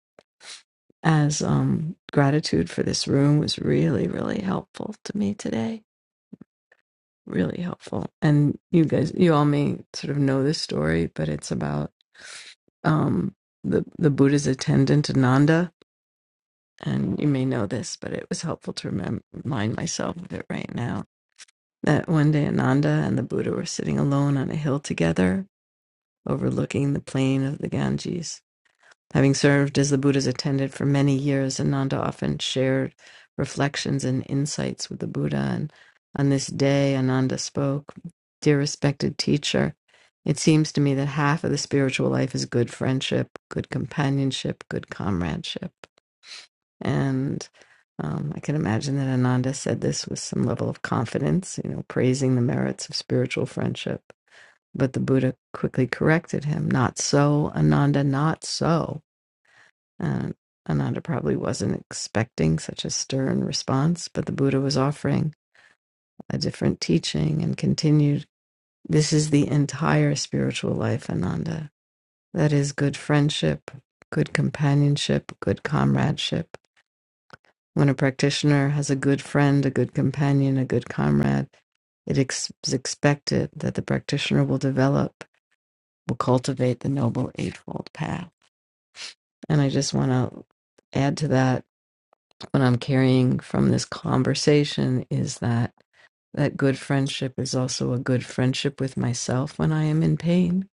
S4: as um, gratitude for this room was really, really helpful to me today. Really helpful. And you guys, you all may sort of know this story, but it's about um, the the Buddha's attendant Ananda, and you may know this, but it was helpful to remem- remind myself of it right now. That one day Ananda and the Buddha were sitting alone on a hill together, overlooking the plain of the Ganges. Having served as the Buddha's attendant for many years, Ananda often shared reflections and insights with the Buddha. And on this day, Ananda spoke Dear respected teacher, it seems to me that half of the spiritual life is good friendship, good companionship, good comradeship. And um, I can imagine that Ananda said this with some level of confidence, you know, praising the merits of spiritual friendship. But the Buddha quickly corrected him Not so, Ananda, not so. And Ananda probably wasn't expecting such a stern response, but the Buddha was offering a different teaching and continued This is the entire spiritual life, Ananda. That is good friendship, good companionship, good comradeship. When a practitioner has a good friend, a good companion, a good comrade, it is expected that the practitioner will develop will cultivate the noble eightfold path. And I just want to add to that what I'm carrying from this conversation is that that good friendship is also a good friendship with myself when I am in pain,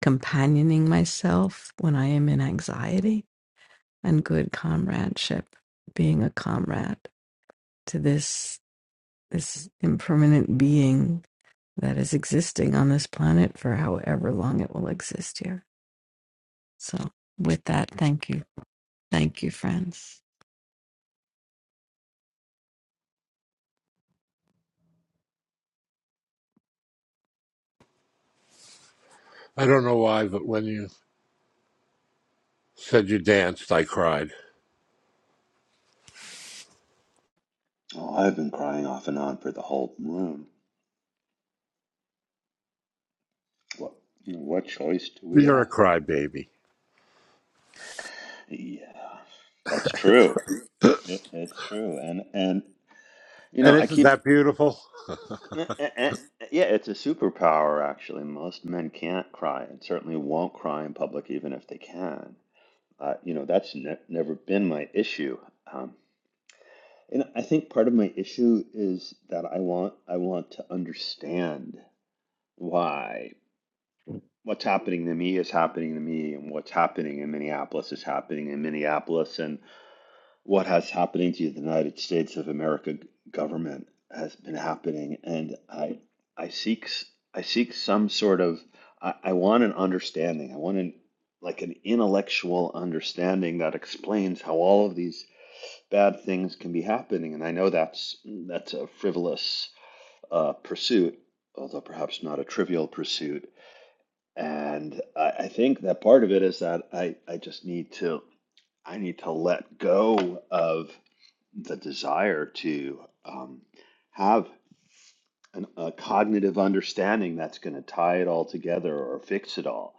S4: companioning myself when I am in anxiety, and good comradeship, being a comrade to this this impermanent being that is existing on this planet for however long it will exist here. So with that, thank you. Thank you, friends.
S5: I don't know why, but when you said you danced, I cried.
S1: Oh, I've been crying off and on for the whole room. What, you know, what choice do we
S5: You're a
S1: have?
S5: crybaby.
S1: Yeah, that's true. It, it's true, and and you know
S5: And
S1: I
S5: isn't
S1: keep
S5: that beautiful?
S1: eh, eh, eh, yeah, it's a superpower actually. Most men can't cry, and certainly won't cry in public, even if they can. Uh, you know that's ne never been my issue. Um, and I think part of my issue is that I want I want to understand why what's happening to me is happening to me, and what's happening in Minneapolis is happening in Minneapolis, and what has happening to the United States of America government has been happening, and I I seek i seek some sort of I, I want an understanding. I want an like an intellectual understanding that explains how all of these bad things can be happening, and I know that's that's a frivolous uh, pursuit, although perhaps not a trivial pursuit. And I, I think that part of it is that I, I just need to I need to let go of the desire to um, have an, a cognitive understanding that's going to tie it all together or fix it all.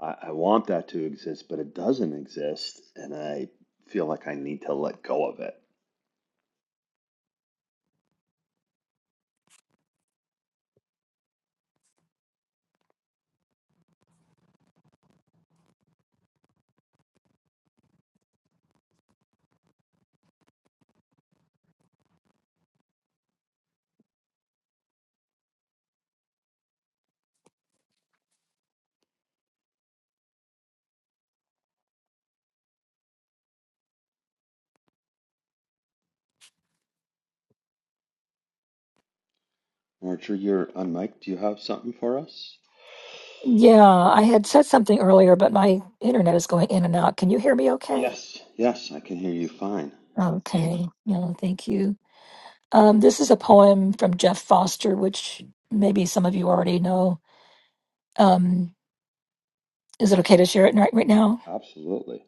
S1: I, I want that to exist, but it doesn't exist, and I feel like I need to let go of it. Archer, you're on mic. Do you have something for us?
S6: yeah i had said something earlier but my internet is going in and out can you hear me okay
S1: Yes, yes, I can hear you fine.
S6: okay yeah thank you Um, this is a poem from Jeff Foster, which maybe some of you already know. Um, is it okay to share it right, right now?
S1: Absolutely.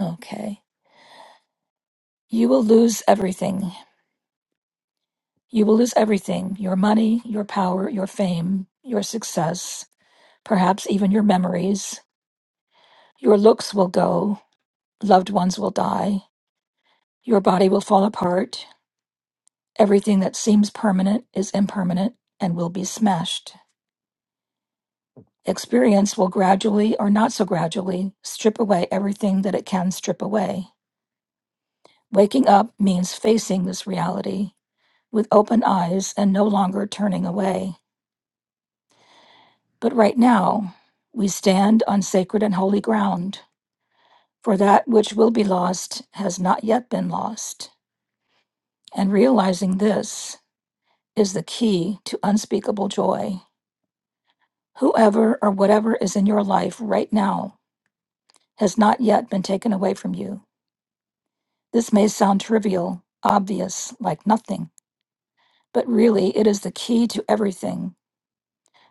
S6: Okay. You will lose everything. You will lose everything your money, your power, your fame, your success, perhaps even your memories. Your looks will go. Loved ones will die. Your body will fall apart. Everything that seems permanent is impermanent and will be smashed. Experience will gradually, or not so gradually, strip away everything that it can strip away. Waking up means facing this reality with open eyes and no longer turning away. But right now, we stand on sacred and holy ground, for that which will be lost has not yet been lost. And realizing this is the key to unspeakable joy. Whoever or whatever is in your life right now has not yet been taken away from you This may sound trivial, obvious, like nothing, but really it is the key to everything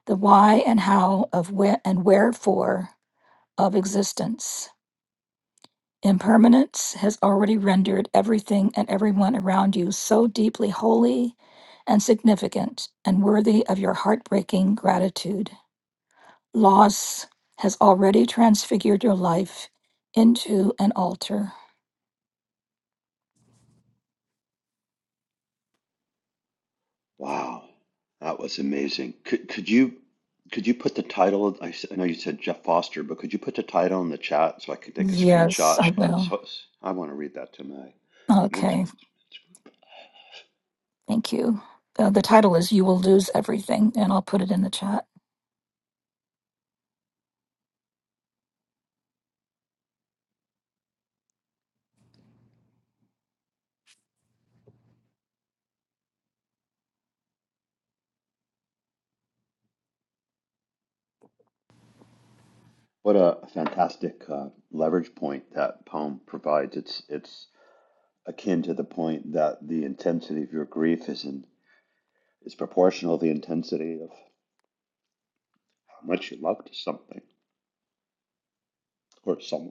S6: the why and how of where and wherefore of existence. Impermanence has already rendered everything and everyone around you so deeply holy and significant and worthy of your heartbreaking gratitude. Loss has already transfigured your life into an altar.
S1: Wow, that was amazing. Could could you could you put the title of, I, s- I know you said Jeff Foster, but could you put the title in the chat so I could take a
S6: Yes,
S1: screenshot?
S6: I will.
S1: So s- I want to read that to my men's.
S6: Okay. Thank you. Uh, the title is You Will Lose Everything, and I'll put it in the chat.
S1: What a fantastic uh, leverage point that poem provides. It's it's akin to the point that the intensity of your grief is in is proportional to the intensity of how much you loved something or someone.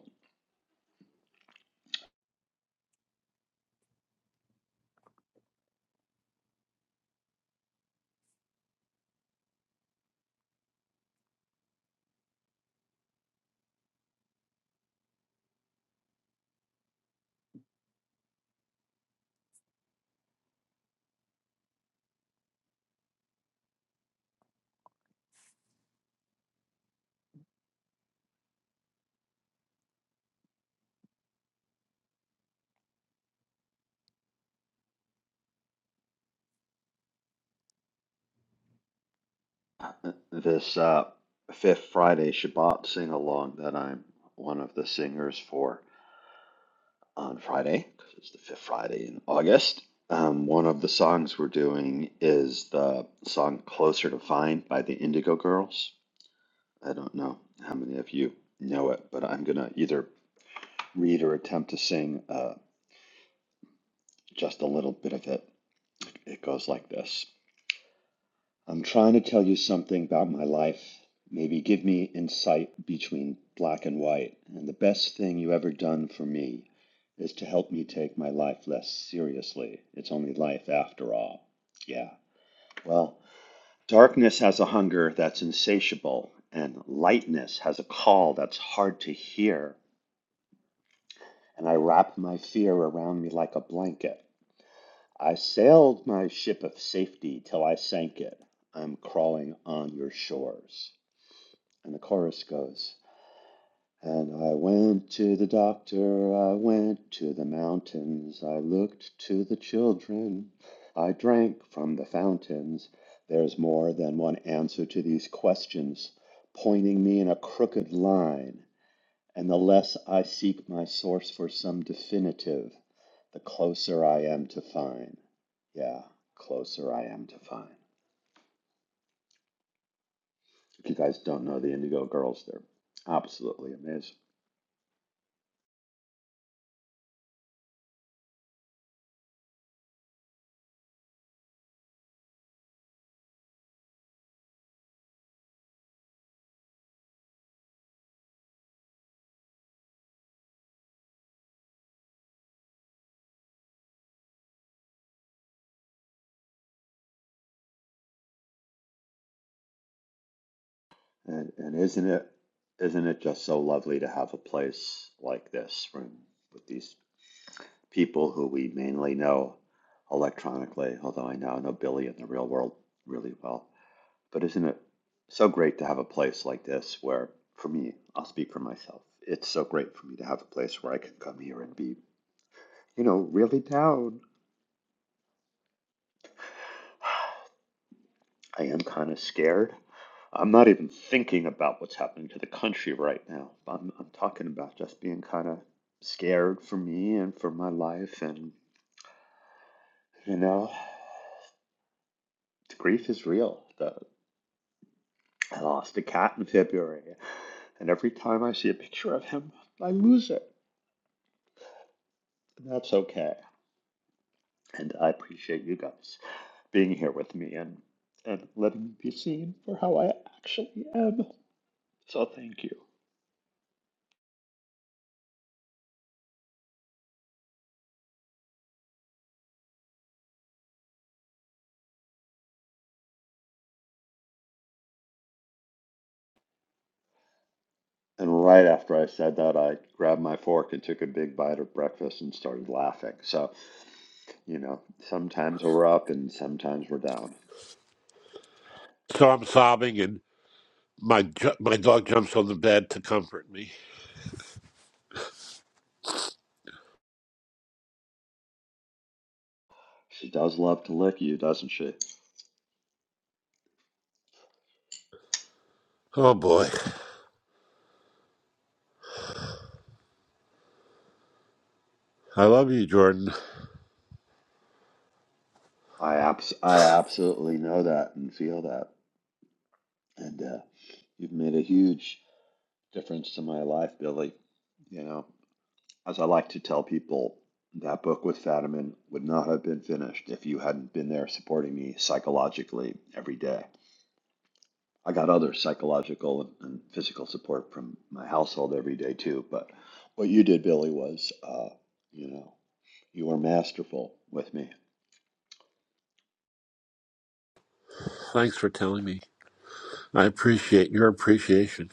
S1: this uh, fifth Friday Shabbat sing along that I'm one of the singers for on Friday because it's the fifth Friday in August. Um, one of the songs we're doing is the song "Closer to Find" by the Indigo Girls. I don't know how many of you know it, but I'm gonna either read or attempt to sing uh, just a little bit of it. It goes like this. I'm trying to tell you something about my life. Maybe give me insight between black and white. And the best thing you ever done for me is to help me take my life less seriously. It's only life after all. Yeah. Well, darkness has a hunger that's insatiable, and lightness has a call that's hard to hear. And I wrap my fear around me like a blanket. I sailed my ship of safety till I sank it. I'm crawling on your shores. And the chorus goes, And I went to the doctor, I went to the mountains, I looked to the children, I drank from the fountains. There's more than one answer to these questions, pointing me in a crooked line. And the less I seek my source for some definitive, the closer I am to find. Yeah, closer I am to find. If you guys don't know the Indigo Girls, they're absolutely amazing. And and isn't it isn't it just so lovely to have a place like this when, with these people who we mainly know electronically, although I now know Billy in the real world really well. But isn't it so great to have a place like this where for me, I'll speak for myself. It's so great for me to have a place where I can come here and be, you know, really down. I am kind of scared. I'm not even thinking about what's happening to the country right now. I'm, I'm talking about just being kind of scared for me and for my life. And, you know, the grief is real. The, I lost a cat in February. And every time I see a picture of him, I lose it. And that's okay. And I appreciate you guys being here with me and, and letting me be seen for how I actually am. So thank you. And right after I said that, I grabbed my fork and took a big bite of breakfast and started laughing. So, you know, sometimes we're up and sometimes we're down.
S5: So I'm sobbing, and my ju- my dog jumps on the bed to comfort me.
S1: She does love to lick you, doesn't she?
S5: Oh boy, I love you, Jordan.
S1: I abs- I absolutely know that and feel that. And uh, you've made a huge difference to my life, Billy. You know, as I like to tell people, that book with Fadiman would not have been finished if you hadn't been there supporting me psychologically every day. I got other psychological and physical support from my household every day too. But what you did, Billy, was uh, you know you were masterful with me.
S5: Thanks for telling me. I appreciate your appreciation.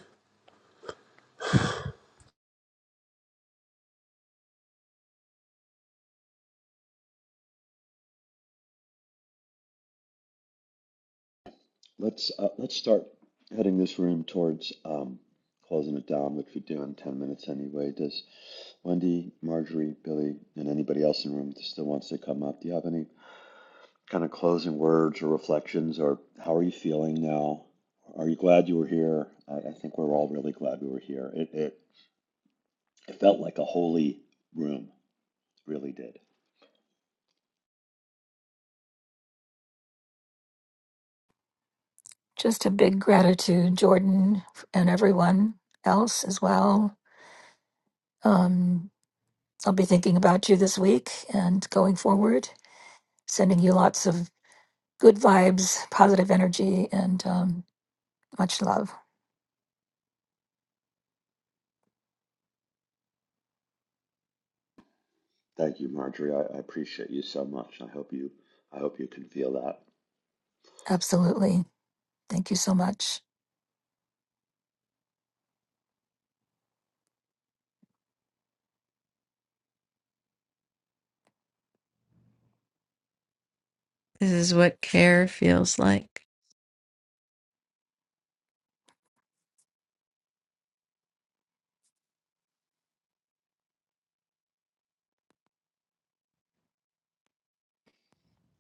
S1: Let's uh, let's start heading this room towards um, closing it down, which we do in ten minutes anyway. Does Wendy, Marjorie, Billy, and anybody else in the room that still wants to come up? Do you have any kind of closing words or reflections, or how are you feeling now? Are you glad you were here? I, I think we're all really glad we were here. It, it It felt like a holy room, really did.
S6: Just a big gratitude, Jordan, and everyone else as well. Um, I'll be thinking about you this week and going forward, sending you lots of good vibes, positive energy, and um, much love.
S1: Thank you, Marjorie. I, I appreciate you so much. I hope you I hope you can feel that.
S6: Absolutely. Thank you so much.
S4: This is what care feels like.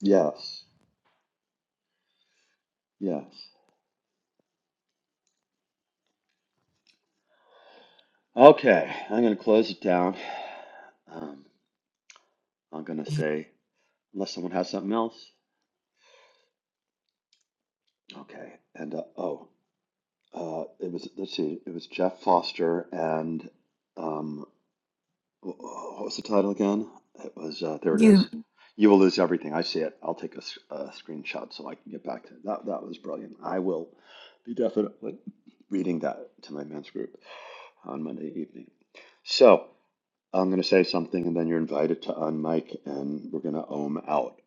S1: Yes. Yes. Okay. I'm gonna close it down. Um, I'm gonna say unless someone has something else. Okay. And uh, oh, uh, it was let's see, it was Jeff Foster and um, What was the title again? It was uh, there. It is.
S6: You.
S1: You will lose everything. I see it. I'll take a, s- a screenshot so I can get back to it. that. That was brilliant. I will be definitely reading that to my men's group on Monday evening. So I'm going to say something, and then you're invited to unmic, and we're going to ohm out.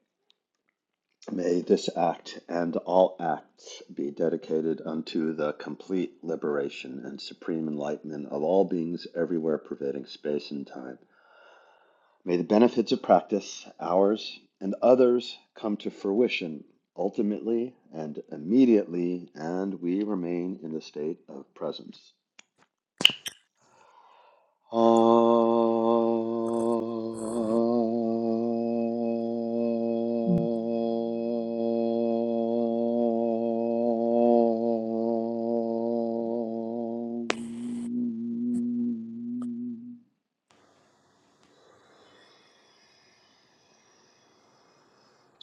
S1: May this act and all acts be dedicated unto the complete liberation and supreme enlightenment of all beings everywhere, pervading space and time. May the benefits of practice, ours and others, come to fruition ultimately and immediately, and we remain in the state of presence. Om.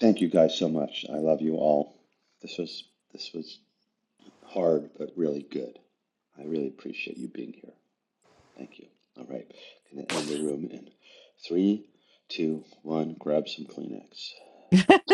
S1: Thank you guys so much. I love you all. This was this was hard but really good. I really appreciate you being here. Thank you. All right, gonna end the room in three, two, one. Grab some Kleenex.